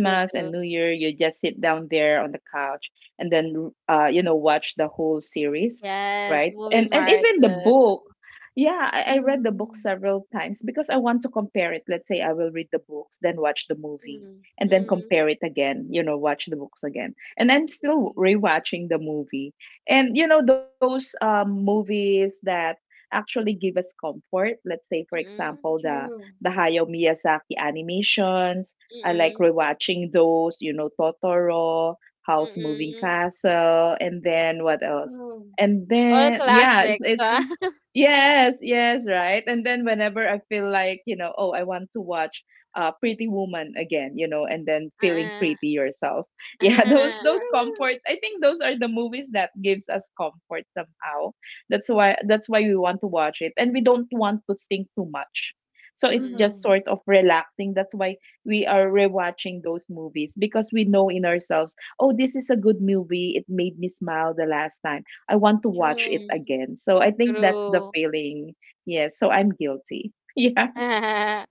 Speaker 1: True,
Speaker 3: and
Speaker 1: true.
Speaker 3: New Year, you just sit down there on the couch and then uh you know watch the whole series,
Speaker 1: Yes,
Speaker 3: right?
Speaker 1: movie
Speaker 3: And and even the
Speaker 1: marathon.
Speaker 3: book. Yeah, I, I read the book
Speaker 2: mm,
Speaker 3: several times because I want to compare it. Let's say I will read the books, then watch the movie,
Speaker 1: Mm,
Speaker 3: and then
Speaker 1: mm,
Speaker 3: compare it again, you know, watch the books again and I'm still
Speaker 1: mm,
Speaker 3: rewatching the movie and you know those um, movies that actually give us comfort. Let's say, for example,
Speaker 1: mm,
Speaker 3: the
Speaker 2: true.
Speaker 3: the Hayao Miyazaki animations. I like
Speaker 1: mm,
Speaker 3: rewatching those. You know, Totoro, House Moving
Speaker 1: mm.
Speaker 3: Castle, and then what else?
Speaker 2: Oh,
Speaker 3: And
Speaker 1: All
Speaker 3: then yeah, it's,
Speaker 1: classics,
Speaker 3: it's
Speaker 1: huh? <laughs>
Speaker 3: yes, yes, right. And then whenever I feel like you know, oh, I want to watch uh, Pretty Woman again, you know, and then feeling
Speaker 1: Uh,
Speaker 3: pretty yourself yeah <laughs> those
Speaker 1: uh,
Speaker 3: those
Speaker 2: true.
Speaker 3: comfort. I think those are the movies that gives us comfort somehow that's why that's why we want to watch it and we don't want to think too much so it's
Speaker 1: mm,
Speaker 3: just
Speaker 2: Mm-hmm.
Speaker 3: sort of relaxing that's why we are rewatching those movies because we know in ourselves oh this is a good movie it made me smile the last time I want to watch it
Speaker 2: True.
Speaker 1: mm.
Speaker 3: again so I think that's the
Speaker 1: True.
Speaker 3: feeling yes so I'm guilty <laughs> yeah
Speaker 1: <laughs>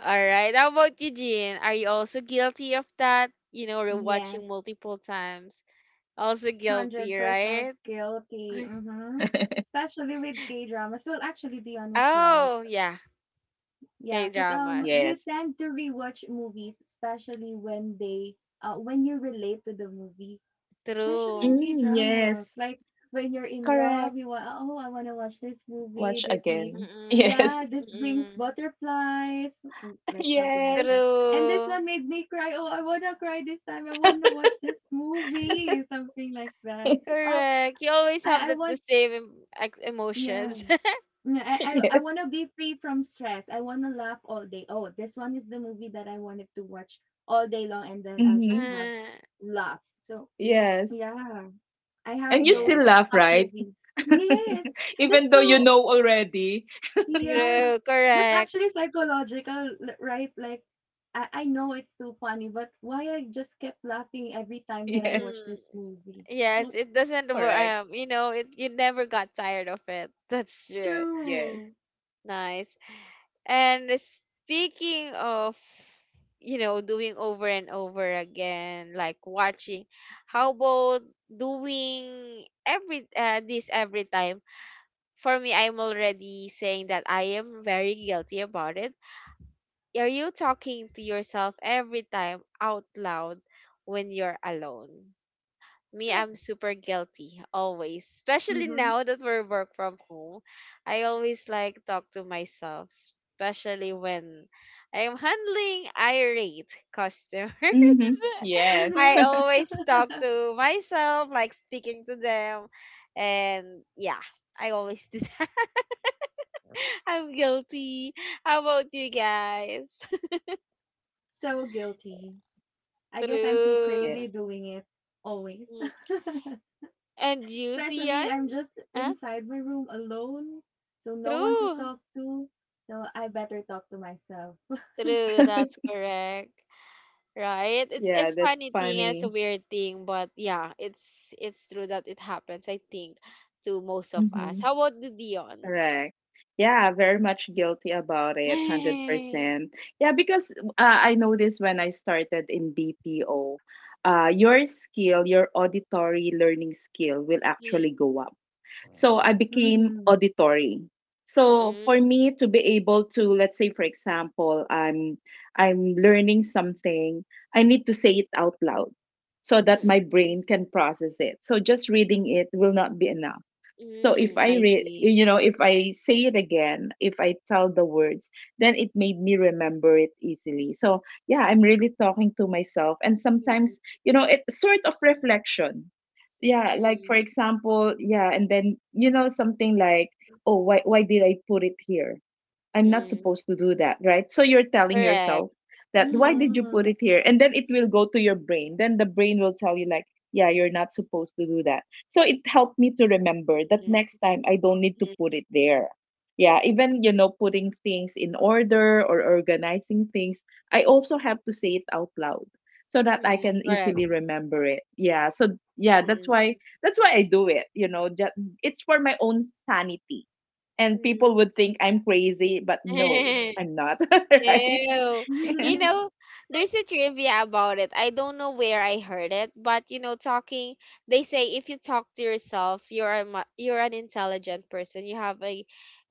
Speaker 1: All right. How about you, Jean? Are you also guilty of that? You know,
Speaker 2: Yes.
Speaker 1: rewatching multiple times. Also guilty,
Speaker 2: one hundred percent
Speaker 1: right?
Speaker 2: guilty.
Speaker 1: <laughs>
Speaker 2: Mm-hmm. Especially with gay dramas. Well, actually, be honest, right?
Speaker 1: Oh, yeah.
Speaker 2: Yeah, cause um,
Speaker 1: K-dramas.
Speaker 2: you
Speaker 3: yes
Speaker 2: tend to rewatch movies, especially when they uh, when you relate to the movie, especially in
Speaker 1: True.
Speaker 3: mm,
Speaker 2: K-dramas.
Speaker 3: yes
Speaker 2: Like, when you're in love,
Speaker 3: correct
Speaker 2: you want, "Oh, I wanna watch this movie,
Speaker 3: watch
Speaker 2: this made
Speaker 3: again <laughs>
Speaker 1: Mm-mm.
Speaker 3: yes.
Speaker 2: yeah, this brings
Speaker 1: Mm-mm.
Speaker 2: butterflies," m like, something like
Speaker 3: Yes.
Speaker 2: that. "And this one
Speaker 1: True.
Speaker 2: made me cry. Oh, I wanna cry this time. I wanna
Speaker 3: <laughs>
Speaker 2: watch this movie," something like that. "Oh,
Speaker 1: Correct. You always have
Speaker 2: I I
Speaker 1: the, the
Speaker 2: want"
Speaker 1: same em- ex-
Speaker 2: yeah.
Speaker 1: emotions. <laughs>
Speaker 2: Mm, I
Speaker 3: Yes.
Speaker 2: I, I want to be free from stress. I want to laugh all day. Oh, this one is the movie that I wanted to watch all day long, and then I'll just
Speaker 3: Mhm.
Speaker 2: have
Speaker 1: Uh,
Speaker 2: laugh. So
Speaker 3: Yes.
Speaker 2: yeah, I
Speaker 3: And
Speaker 2: have
Speaker 3: you still
Speaker 1: yes,
Speaker 2: those
Speaker 3: laugh,
Speaker 2: top
Speaker 3: right?
Speaker 2: movies. Yes,
Speaker 3: <laughs> Even
Speaker 2: that's
Speaker 3: though you
Speaker 2: so
Speaker 3: know already. <laughs>
Speaker 2: yeah.
Speaker 1: true,
Speaker 2: That's
Speaker 1: correct.
Speaker 2: actually psychological, l- right? Like I I know it's too funny, but why I just kept laughing every time that I
Speaker 3: Yes,
Speaker 2: watch
Speaker 1: Mm,
Speaker 2: this movie? Well,
Speaker 1: yes, it doesn't, wo-
Speaker 3: correct.
Speaker 1: um, you know, it you never got tired of it. <laughs> That's true.
Speaker 3: Yes.
Speaker 2: true.
Speaker 1: Nice. And speaking of, you know, doing over and over again, like watching, how about doing every uh, this every time? For me, I'm already saying that I am very guilty about it. Are you talking to yourself every time out loud when you're alone? Me, I'm
Speaker 2: <gasps>
Speaker 1: super guilty always, especially
Speaker 2: Mm-hmm.
Speaker 1: now that we're work from home. I always like talk to myself, especially when I'm handling irate customers.
Speaker 3: Mm-hmm.
Speaker 1: <laughs>
Speaker 3: Yes.
Speaker 1: I
Speaker 2: Mm-hmm.
Speaker 1: always talk
Speaker 2: <laughs>
Speaker 1: to myself, like speaking to them, and yeah, I always do that. <laughs> I'm guilty. How about you guys?
Speaker 2: So guilty.
Speaker 1: <laughs>
Speaker 2: I guess I'm too
Speaker 3: <laughs> Yeah.
Speaker 2: crazy
Speaker 1: True.
Speaker 2: doing it always.
Speaker 1: Mm. And
Speaker 2: <laughs>
Speaker 1: you, Dion?
Speaker 2: Especially I'm just
Speaker 1: Huh?
Speaker 2: inside my room alone, so no one to
Speaker 1: True.
Speaker 2: talk to. So I better talk to myself.
Speaker 1: True, that's
Speaker 3: <laughs>
Speaker 1: correct. Right? It's
Speaker 3: Yeah,
Speaker 1: it's
Speaker 3: that's
Speaker 1: funny thing and it's a
Speaker 3: funny.
Speaker 1: weird thing, but yeah, it's it's true that it happens, I think, to most of us.
Speaker 3: Mm-hmm.
Speaker 1: How about the Dion?
Speaker 3: Correct. Yeah, very much guilty about it,
Speaker 1: <laughs>
Speaker 3: one hundred percent. Yeah, because uh, I noticed when I started in B P O, uh, your skill, your auditory learning skill will
Speaker 1: Mm,
Speaker 3: actually go up. So I became
Speaker 2: Mhm.
Speaker 3: auditory. So
Speaker 1: Mm-mm.
Speaker 3: for me to be able to, let's say, for example, I'm I'm learning something, I need to say it out loud so that my
Speaker 1: Mm-mm.
Speaker 3: brain can process it. So just reading it will not be enough. So if
Speaker 1: Mm,
Speaker 3: I
Speaker 1: I
Speaker 3: read,
Speaker 1: see.
Speaker 3: you know, if I say it again, if I tell the words, then it made me remember it easily. So yeah, I'm really talking to myself. And
Speaker 1: Mm-mm.
Speaker 3: sometimes, you know, it's sort of reflection. Yeah, like for
Speaker 1: Mm,
Speaker 3: example, yeah, and then, you know, something like, oh, why, why did I put it here? I'm not
Speaker 1: Mm-mm.
Speaker 3: supposed to do that, right? So you're telling
Speaker 1: Correct.
Speaker 3: yourself that why
Speaker 1: Mm-mm.
Speaker 3: did you put it
Speaker 2: Mhm.
Speaker 3: here? And then it will go to your brain. Then the brain will tell you, like, yeah, you're not supposed to do that. So it helped me to remember that next
Speaker 1: Mm-mm.
Speaker 3: time I don't need to put it there. Yeah, even, you know, putting things in order or organizing things, I also have to say it out loud so that I
Speaker 1: Mm-mm.
Speaker 3: can
Speaker 1: Correct.
Speaker 3: easily remember it. Yeah. So, yeah, that's
Speaker 1: Mm-mm.
Speaker 3: why that's why I do it, you know, just, it's for my own sanity and
Speaker 1: mm
Speaker 3: people would think I'm crazy,
Speaker 1: <laughs> mm mm correct mm mm mm mm mm correct mm
Speaker 3: but no,
Speaker 1: mm <laughs> mm.
Speaker 3: I'm not, <laughs> right?
Speaker 1: Ew.
Speaker 3: <laughs>
Speaker 1: You
Speaker 2: <laughs>
Speaker 1: know, there's a trivia about it. I don't know where I heard it, but you know, talking, they say if you talk to yourself, you're a, mu- you're an intelligent person. You have a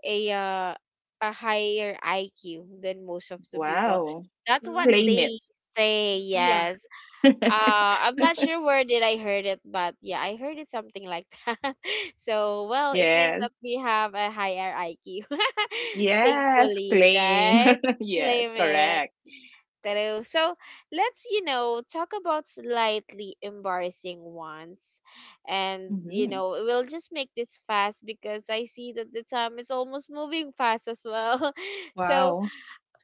Speaker 1: a uh, a higher I Q than most of the people.
Speaker 3: Wow.
Speaker 1: That's what
Speaker 2: Mm.
Speaker 3: Claim it.
Speaker 1: they say.
Speaker 2: Yeah.
Speaker 1: Yes.
Speaker 3: <laughs>
Speaker 1: Uh, I'm not sure where did I heard it, but yeah, I heard it something like <laughs> that. So, well, it means
Speaker 3: Yes.
Speaker 1: that we have a higher I Q, <laughs>
Speaker 3: Yes,
Speaker 1: thankfully,
Speaker 3: claim.
Speaker 1: right?
Speaker 3: <laughs> Yes,
Speaker 1: Claim it.
Speaker 3: correct.
Speaker 1: True. So let's, you know, talk about slightly embarrassing ones. And, you
Speaker 3: Hmm.
Speaker 1: know, we'll just make this fast because I see that the time is almost moving fast as well. <laughs> So
Speaker 3: Wow.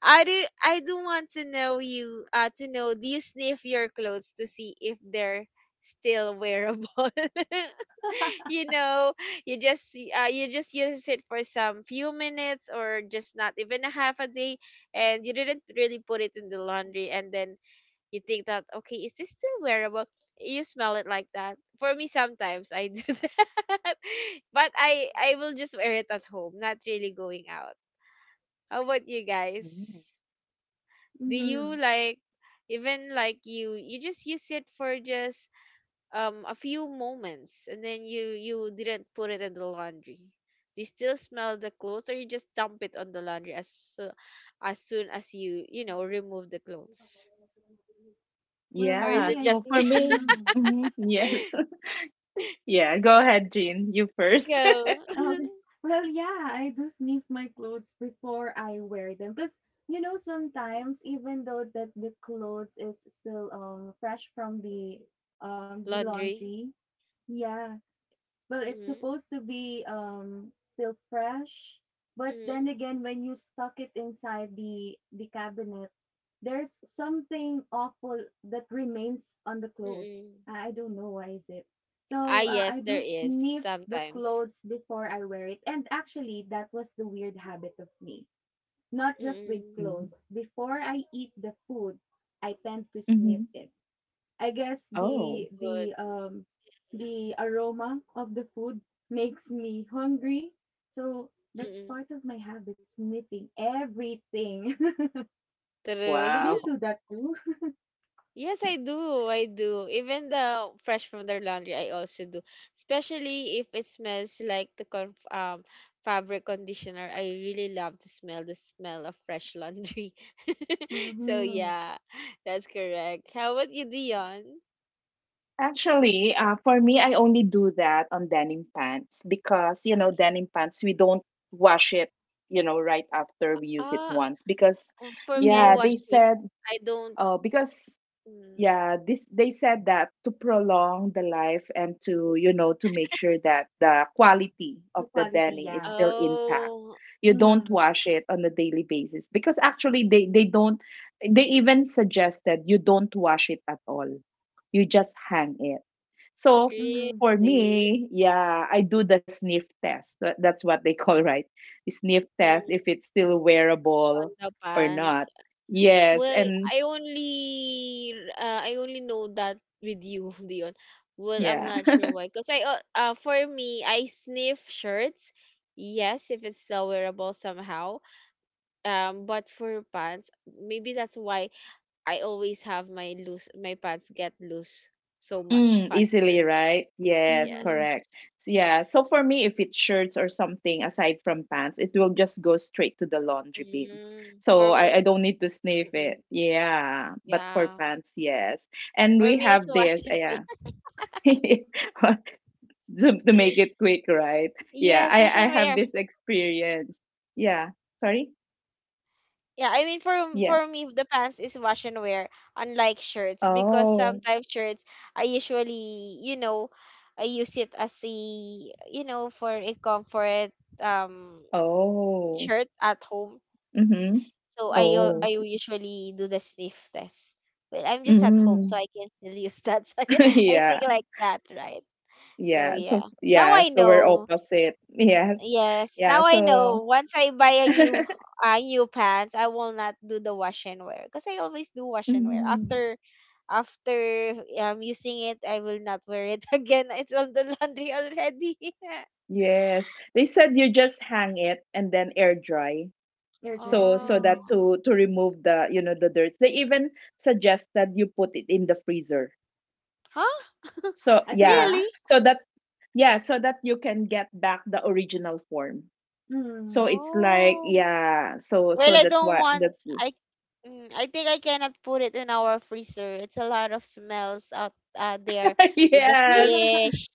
Speaker 1: I do I do want to know you uh to know, do you sniff your clothes to see if they're still wearable? <laughs> You know, you just see- uh, you just use it for some few minutes or just not even a half a day, and you didn't really put it in the laundry, and then you think that okay, is this still wearable? You smell it like that. For me sometimes I do <laughs> that. But I I will just wear it at home, not really going out. How about you
Speaker 3: Mhm.
Speaker 1: guys? Do you
Speaker 2: Mhm.
Speaker 1: like even like you you just use it for just um a few moments and then you you didn't put it in the laundry? Do you still smell the clothes, or you just dump it on the laundry as so, as soon as you you know remove the clothes?
Speaker 2: Well,
Speaker 1: Or is
Speaker 3: Yeah,
Speaker 2: me,
Speaker 1: it
Speaker 2: I.
Speaker 3: so
Speaker 1: just
Speaker 3: for
Speaker 1: me?
Speaker 3: me,
Speaker 2: Mhm.
Speaker 3: mhm, yes.
Speaker 1: <laughs>
Speaker 3: <laughs> Yeah, go ahead, Jean. You first. <laughs>
Speaker 1: Go.
Speaker 2: Okay. Well, yeah, I do sniff my clothes before I wear them because you know sometimes even though that the clothes is still um fresh from the um the
Speaker 1: <laughs> Laundry.
Speaker 2: laundry, yeah, well, it's
Speaker 1: Mm-hmm.
Speaker 2: supposed to be um still fresh, but then
Speaker 1: Mm-hmm.
Speaker 2: again when you stuck it inside the the cabinet, there's something awful that remains on the clothes.
Speaker 1: Mm-hmm.
Speaker 2: I I don't know why is it.
Speaker 1: Ah,
Speaker 2: So uh,
Speaker 1: yes,
Speaker 2: I
Speaker 1: there
Speaker 2: do
Speaker 1: is
Speaker 2: sniff the
Speaker 1: sometimes.
Speaker 2: clothes before I wear it. And actually that was the weird habit of me. Not just with
Speaker 1: Mm-hmm.
Speaker 2: clothes. Before I eat the food, I tend to sniff
Speaker 3: Mm-hmm.
Speaker 2: it. I guess the
Speaker 3: Oh,
Speaker 1: Good.
Speaker 2: the um
Speaker 1: Mm-hmm.
Speaker 2: the aroma of the food makes me hungry. So that's
Speaker 1: Mm-hmm.
Speaker 2: part of my habit, sniffing everything. <laughs> Do
Speaker 1: True.
Speaker 2: you
Speaker 3: wow.
Speaker 2: do
Speaker 1: <laughs>
Speaker 2: that too?
Speaker 1: Yes, I do. I do. Even the fresh from the laundry, I also do. Especially if it smells like the con um fabric conditioner. I really love to smell the smell of fresh laundry. <laughs> So
Speaker 2: Mm-hmm.
Speaker 1: yeah, that's correct. How about you, Dion?
Speaker 3: Actually, uh, for me, I only do that on denim pants because, you know, denim pants, we don't wash it, you know, right after we use it
Speaker 1: Ah,
Speaker 3: once because,
Speaker 1: uh, for me, I
Speaker 3: yeah,
Speaker 1: wash
Speaker 3: they
Speaker 2: Mm-hmm.
Speaker 1: it.
Speaker 3: said,
Speaker 1: I don't.
Speaker 3: uh, because
Speaker 1: Mm.
Speaker 3: yeah this they said that to prolong the life and to you know to make sure that the quality
Speaker 2: The
Speaker 3: of the
Speaker 2: quality,
Speaker 3: denim is
Speaker 2: yeah.
Speaker 3: still intact
Speaker 1: Oh,
Speaker 3: you don't
Speaker 2: Mm-hmm.
Speaker 3: wash it on a daily basis because actually they they don't they even suggested you don't wash it at all you just hang it so f-
Speaker 2: Mm-hmm.
Speaker 3: for
Speaker 1: really?
Speaker 3: me yeah I do the sniff test Tha- that's what they <laughs> call right sniff test
Speaker 1: Mm,
Speaker 3: if it's still
Speaker 1: on
Speaker 3: wearable
Speaker 1: the
Speaker 3: or
Speaker 1: pants.
Speaker 3: not yes
Speaker 1: Well,
Speaker 3: and
Speaker 1: I only uh, I only know that with you, <laughs> Dion. Well, I'm
Speaker 3: yeah.
Speaker 1: not sure why. Cause I uh, uh for me, I sniff shirts. Yes, if it's still wearable somehow. Um, but for pants, maybe that's why I always have my loose my pants get loose so much
Speaker 3: Mm, easily,
Speaker 1: faster.
Speaker 3: right? Yes,
Speaker 1: Yes.
Speaker 2: Mm-hmm.
Speaker 3: correct. So, yeah. So for me, if it's shirts or something aside from pants, it will just go straight to the laundry bin.
Speaker 1: Mm,
Speaker 3: So
Speaker 1: for
Speaker 3: I, I
Speaker 1: me,
Speaker 3: don't need to sniff
Speaker 1: mm,
Speaker 3: it. Yeah. But for
Speaker 1: yeah.
Speaker 3: pants, yes. And
Speaker 1: For
Speaker 3: we
Speaker 1: me, it's
Speaker 3: have
Speaker 1: wash
Speaker 3: this, uh,
Speaker 1: and
Speaker 3: yeah.
Speaker 1: wear. <laughs>
Speaker 3: <laughs> to, to make it quick, right? Yeah.
Speaker 1: Yes,
Speaker 3: I, I
Speaker 1: wash and
Speaker 3: have
Speaker 1: wear.
Speaker 3: this experience. Yeah. Sorry?
Speaker 1: Yeah, I mean for
Speaker 3: Yeah.
Speaker 1: for me the pants is wash and wear, unlike shirts, because
Speaker 3: Oh.
Speaker 1: sometimes shirts I usually, you know, I use it as a, you know, for a comfort um
Speaker 3: Oh.
Speaker 1: shirt at home.
Speaker 3: Mm-hmm.
Speaker 1: So I u-
Speaker 3: Oh.
Speaker 2: Mm-hmm.
Speaker 1: I
Speaker 3: S-
Speaker 1: usually do the sniff test. Well, I'm just at home
Speaker 3: Mm.
Speaker 1: so I can still use that. <laughs> So I think
Speaker 3: <laughs> Yeah.
Speaker 1: like that, right? So
Speaker 3: Yeah,
Speaker 1: yeah.
Speaker 3: so
Speaker 1: Now
Speaker 3: yeah,
Speaker 1: I
Speaker 3: so we're
Speaker 1: know.
Speaker 3: opposite. <laughs> Yes.
Speaker 1: Yes,
Speaker 3: Yeah,
Speaker 1: now I know.
Speaker 3: so
Speaker 1: Once I buy
Speaker 3: <laughs>
Speaker 1: a new uh, new pants, I will not do the wash and wear because I always do wash and wear.
Speaker 3: Mhm.
Speaker 1: After after um using it, I will not wear it <laughs> again. It's on the laundry already. <laughs>
Speaker 3: Yes. They said you just hang it and then air dry.
Speaker 2: You're right.
Speaker 3: So so
Speaker 1: Oh,
Speaker 3: that
Speaker 2: Mm-hmm.
Speaker 3: to to remove the, you know, the dirt. They even suggested you put it in the freezer.
Speaker 1: huh? <laughs>
Speaker 3: So
Speaker 2: At the
Speaker 3: yeah,
Speaker 2: back?
Speaker 1: Really?
Speaker 3: so that yeah, so that you can get back the original form. So
Speaker 2: Mm-hmm.
Speaker 3: it's like
Speaker 1: Oh.
Speaker 3: yeah, so
Speaker 1: Well,
Speaker 3: so
Speaker 1: I
Speaker 3: that's
Speaker 1: don't
Speaker 3: why
Speaker 1: want
Speaker 3: that's
Speaker 1: I mm, I think I cannot put it in our freezer. It's a lot of smells out uh, there
Speaker 3: <laughs>
Speaker 1: with the
Speaker 3: yes.
Speaker 2: <laughs>
Speaker 1: fish,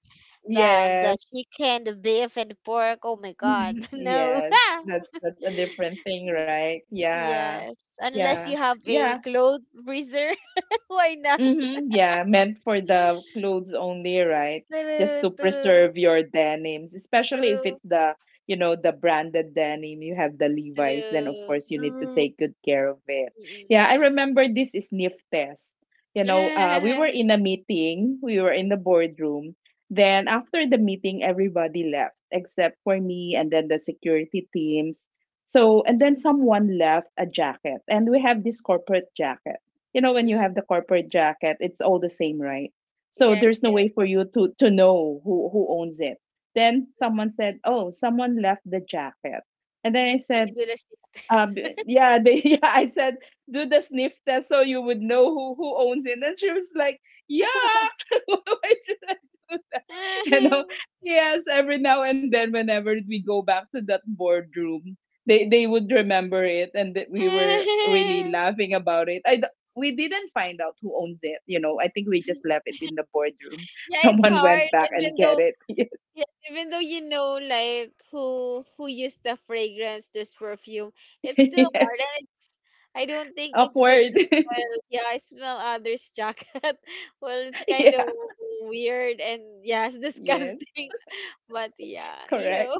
Speaker 1: the the
Speaker 3: Yes.
Speaker 1: chicken, the beef and the pork. Oh my
Speaker 3: Mhm.
Speaker 1: god. <laughs> No.
Speaker 3: Yes, that's
Speaker 1: <laughs>
Speaker 3: that's a different thing, right? Yeah.
Speaker 1: Yes, unless
Speaker 3: Yeah.
Speaker 1: you have
Speaker 3: Yeah.
Speaker 1: a clothes freezer, <laughs> why not?
Speaker 3: Mm-hmm. Yeah, meant for the
Speaker 1: <laughs>
Speaker 3: clothes only, right? Just
Speaker 1: True,
Speaker 3: to
Speaker 1: true,
Speaker 3: preserve your denims, especially if
Speaker 1: true,
Speaker 3: it's the, you know, the branded denim, you have the Levi's, then of
Speaker 1: true.
Speaker 3: course you need to
Speaker 2: Mm. <laughs>
Speaker 3: take good care of it. Yeah,
Speaker 1: Mm-mm.
Speaker 3: I remember this sniff test. You know, uh, we were
Speaker 1: <laughs>
Speaker 3: in a meeting, we were in the boardroom. Then after the meeting, everybody left except for me and then the security teams. So, and then someone left a jacket, and we have this corporate jacket you know when you
Speaker 1: Mm-mm.
Speaker 3: have the corporate jacket it's all the same right so
Speaker 1: Yes,
Speaker 3: there's no way
Speaker 1: yes.
Speaker 3: for you to to know who who owns it then someone said oh someone left the jacket and then I
Speaker 1: We
Speaker 3: said
Speaker 1: do the same test.
Speaker 3: um, yeah, they, <laughs> yeah, I said, do the sniff test so you would know who, who owns it. And she was like, yeah, <laughs> why should I do that? <laughs> You know,
Speaker 1: <laughs>
Speaker 3: yes, every now and then, whenever we go back to that boardroom, they, they would remember it and that we were really
Speaker 1: <laughs>
Speaker 3: laughing about it. I, d- we didn't find out who owns it. You know, I think we just left it in the boardroom.
Speaker 1: Yeah,
Speaker 3: <laughs>
Speaker 1: it's
Speaker 3: Someone
Speaker 1: hard,
Speaker 3: went back and
Speaker 1: even
Speaker 3: get
Speaker 1: though,
Speaker 3: it.
Speaker 1: yeah, even though you know like who who used the fragrance, this perfume,
Speaker 3: <laughs>
Speaker 1: it's still
Speaker 3: Yes,
Speaker 1: hard, and it's I don't think it's good to
Speaker 3: upward.
Speaker 1: smell. Yeah, I smell others' jacket. <laughs> Well, it's
Speaker 3: <laughs>
Speaker 1: kind of
Speaker 3: Yeah,
Speaker 1: weird and yes,
Speaker 3: yes,
Speaker 1: disgusting. <laughs> But yeah, ew. <laughs>
Speaker 3: correct.
Speaker 1: All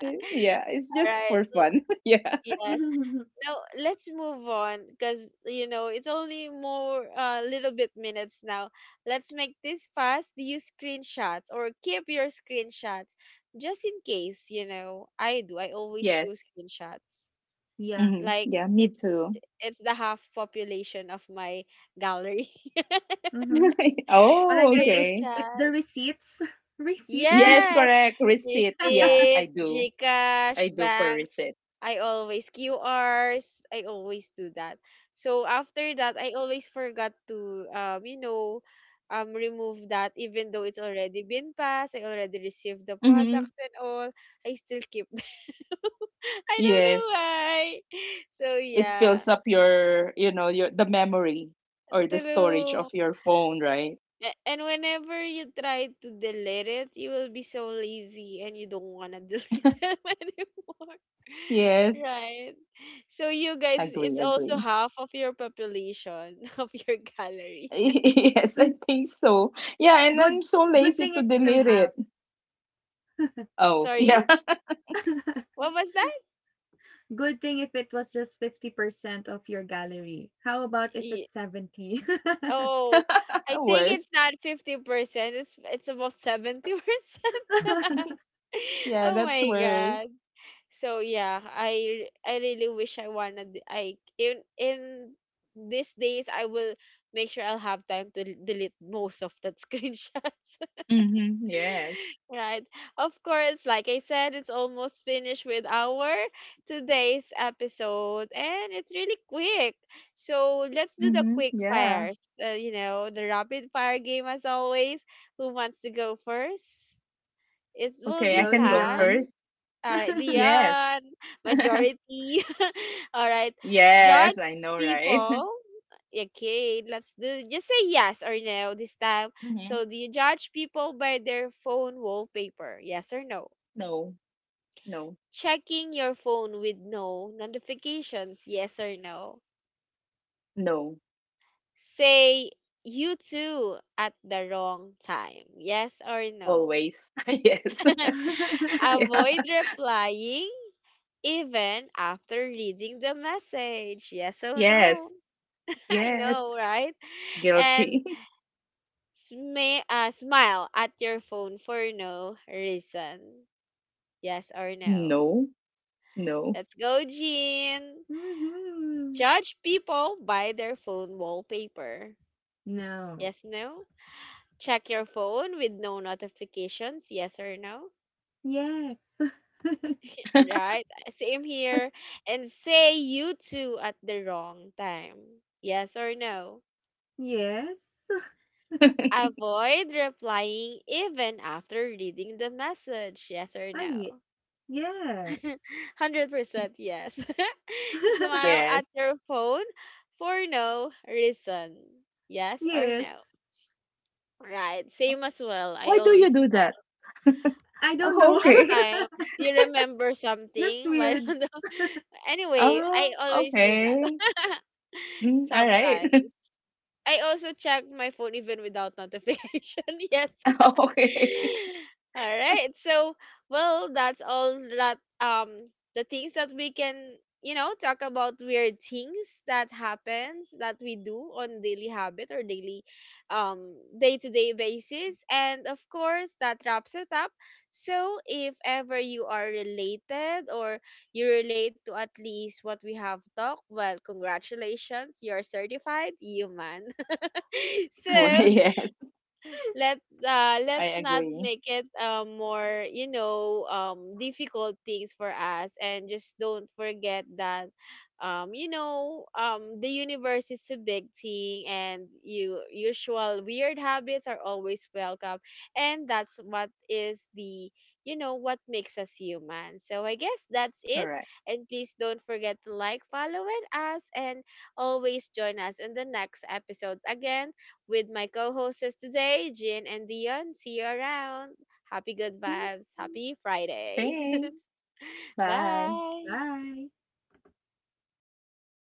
Speaker 3: Eh, yeah, it's just
Speaker 1: right.
Speaker 3: for fun. <laughs> Yeah.
Speaker 1: Yes.
Speaker 2: True.
Speaker 1: Now let's move on because you know it's only more a uh, little bit minutes now. Let's make this fast. Do you screenshots or keep your screenshots just in case? You know, I do. I always do
Speaker 3: Yes.
Speaker 1: screenshots.
Speaker 2: Yeah.
Speaker 3: Hmm.
Speaker 1: Like
Speaker 3: Yeah, me
Speaker 1: it's
Speaker 3: too.
Speaker 1: it's the half population of my gallery. <laughs>
Speaker 2: Mm-hmm.
Speaker 3: <laughs>
Speaker 2: But I
Speaker 3: Oh,
Speaker 2: guess it's
Speaker 3: okay.
Speaker 2: it's the
Speaker 1: Screenshots.
Speaker 2: receipts. <laughs> Receipts.
Speaker 3: Yes,
Speaker 1: Yes,
Speaker 3: correct. Receipts. Yeah, I
Speaker 1: receipts,
Speaker 3: do. I
Speaker 1: GCash,
Speaker 3: do for
Speaker 1: banks.
Speaker 3: receipt.
Speaker 1: I always Q Rs. I always do that. So after that, I always forgot to um you know um remove that even though it's already been passed. I already received the
Speaker 3: Mm-hmm.
Speaker 1: products and all. I still keep them. <laughs> I don't know
Speaker 3: Yes.
Speaker 1: why. So
Speaker 3: It
Speaker 1: yeah.
Speaker 3: fills up your, you know, your the memory or the storage
Speaker 1: True.
Speaker 3: of your phone, right?
Speaker 1: A- And whenever you try to delete it, you will be so lazy and you don't want to <laughs> delete them anymore. <laughs>
Speaker 3: Yes.
Speaker 1: Right? So you guys,
Speaker 3: Agree,
Speaker 1: it's also
Speaker 3: agree.
Speaker 1: half of your population <laughs> of your
Speaker 3: <laughs>
Speaker 1: gallery.
Speaker 3: Yes, I
Speaker 2: <laughs>
Speaker 3: think so. Yeah, and
Speaker 2: Good
Speaker 3: I'm so
Speaker 2: good
Speaker 3: lazy
Speaker 2: thing
Speaker 3: to
Speaker 2: it's still
Speaker 3: delete
Speaker 2: half.
Speaker 3: it. Oh,
Speaker 1: Sorry?
Speaker 3: yeah.
Speaker 2: <laughs>
Speaker 1: What was that?
Speaker 2: Good thing if it was just fifty percent of your gallery. How about if it's
Speaker 1: Ye-
Speaker 2: seventy?
Speaker 1: Oh, I
Speaker 3: <laughs>
Speaker 1: think
Speaker 3: Worse.
Speaker 1: it's not fifty percent. It's it's about seventy percent.
Speaker 2: <laughs>
Speaker 1: <laughs>
Speaker 3: Yeah,
Speaker 1: Oh
Speaker 3: that's
Speaker 1: my
Speaker 3: worse.
Speaker 1: god. So yeah, I I really wish I wanted I in in these days I will make sure I'll have time to delete most of that <laughs> screenshots.
Speaker 3: Mm-hmm. Yes.
Speaker 1: Right. Of course, like I said, it's almost finished with our today's episode and it's really quick. So let's do the
Speaker 3: Mhm.
Speaker 1: quick
Speaker 3: Yeah.
Speaker 1: fires. Uh, you know, the rapid fire game as always. Who wants to go first? It will
Speaker 3: Okay,
Speaker 1: be
Speaker 3: I
Speaker 2: Go,
Speaker 3: can go
Speaker 1: fast.
Speaker 2: Dion.
Speaker 3: first.
Speaker 2: <laughs>
Speaker 1: All right,
Speaker 3: Yes.
Speaker 1: Dion,
Speaker 3: <laughs>
Speaker 1: majority. <laughs> All right, judge
Speaker 3: Yes, I know, right? <laughs>
Speaker 1: people. Okay, let's do just say yes or no this time.
Speaker 3: Hmm.
Speaker 1: So, do you judge people by their phone wallpaper? Yes or no?
Speaker 3: No, no,
Speaker 1: Checking your phone with no notifications? Yes or no?
Speaker 3: no.
Speaker 1: Say you too at the wrong time? Yes or no?
Speaker 3: Always. <laughs> Yes.
Speaker 1: <laughs>
Speaker 3: <laughs> Yeah.
Speaker 1: Avoid replying even after reading the message. Yes or no?
Speaker 3: Yes.
Speaker 1: <laughs> I
Speaker 3: Yes.
Speaker 1: know, right? And
Speaker 3: Guilty. <laughs>
Speaker 1: smi- uh, smile at your phone for no reason. Yes or no?
Speaker 3: No, no.
Speaker 1: Let's go, Jean.
Speaker 2: Mhm.
Speaker 1: Judge people by their phone wallpaper.
Speaker 2: No.
Speaker 1: Yes, no? Check your phone with no notifications. Yes or no?
Speaker 2: Yes.
Speaker 1: Right? Same here. And say you two at the wrong time. Yes or no?
Speaker 2: Yes.
Speaker 1: Avoid replying even after reading the message. Yes or
Speaker 2: I
Speaker 1: no? <laughs>
Speaker 2: yes.
Speaker 1: one hundred percent yes. <laughs> Smile
Speaker 2: <laughs>
Speaker 3: Yes.
Speaker 1: at your phone for no reason. Yes or no?
Speaker 2: Yes.
Speaker 1: Right.
Speaker 3: Oh,
Speaker 1: Same as well. I
Speaker 3: why do you
Speaker 1: always
Speaker 3: do that?
Speaker 1: smile.
Speaker 3: <laughs>
Speaker 2: I don't
Speaker 3: Oh,
Speaker 2: know.
Speaker 3: okay.
Speaker 2: <laughs>
Speaker 1: Sometimes you remember
Speaker 2: Just
Speaker 1: something. <laughs> Why
Speaker 2: weird.
Speaker 1: don't know. <laughs> Anyway,
Speaker 3: Oh,
Speaker 1: I always do that.
Speaker 3: okay. Mm,
Speaker 1: <laughs>
Speaker 3: all right. <laughs>
Speaker 1: Sometimes. I also check my phone even without notification. <laughs> Yes.
Speaker 3: Okay. <laughs>
Speaker 1: <laughs> All right. So, well, that's all that um the things that we can, you know, talk about weird things that happens that we do on daily habit or daily um day-to-day basis. And of course, that wraps it up. So, if ever you are related or you relate to at least what we have talked, well, congratulations, you're certified human. <laughs>
Speaker 3: Well,
Speaker 1: So,
Speaker 2: <laughs> See
Speaker 3: yes,
Speaker 1: let's uh
Speaker 3: I
Speaker 1: let's not
Speaker 3: agree.
Speaker 1: make it um more you know um difficult things for us, and just don't forget that um you know um the universe is a big thing and you usual weird habits are always welcome, and that's what is the you know what makes us human, so I guess that's it.
Speaker 3: Correct.
Speaker 1: And please don't forget to like, follow and us, and always join us in the next episode again with my co-hosts today, Jin and Dion. See you around. Happy good
Speaker 2: you.
Speaker 1: vibes. Happy Friday.
Speaker 3: Thanks.
Speaker 1: <laughs>
Speaker 3: Bye.
Speaker 1: Bye.
Speaker 2: Bye.
Speaker 1: All right.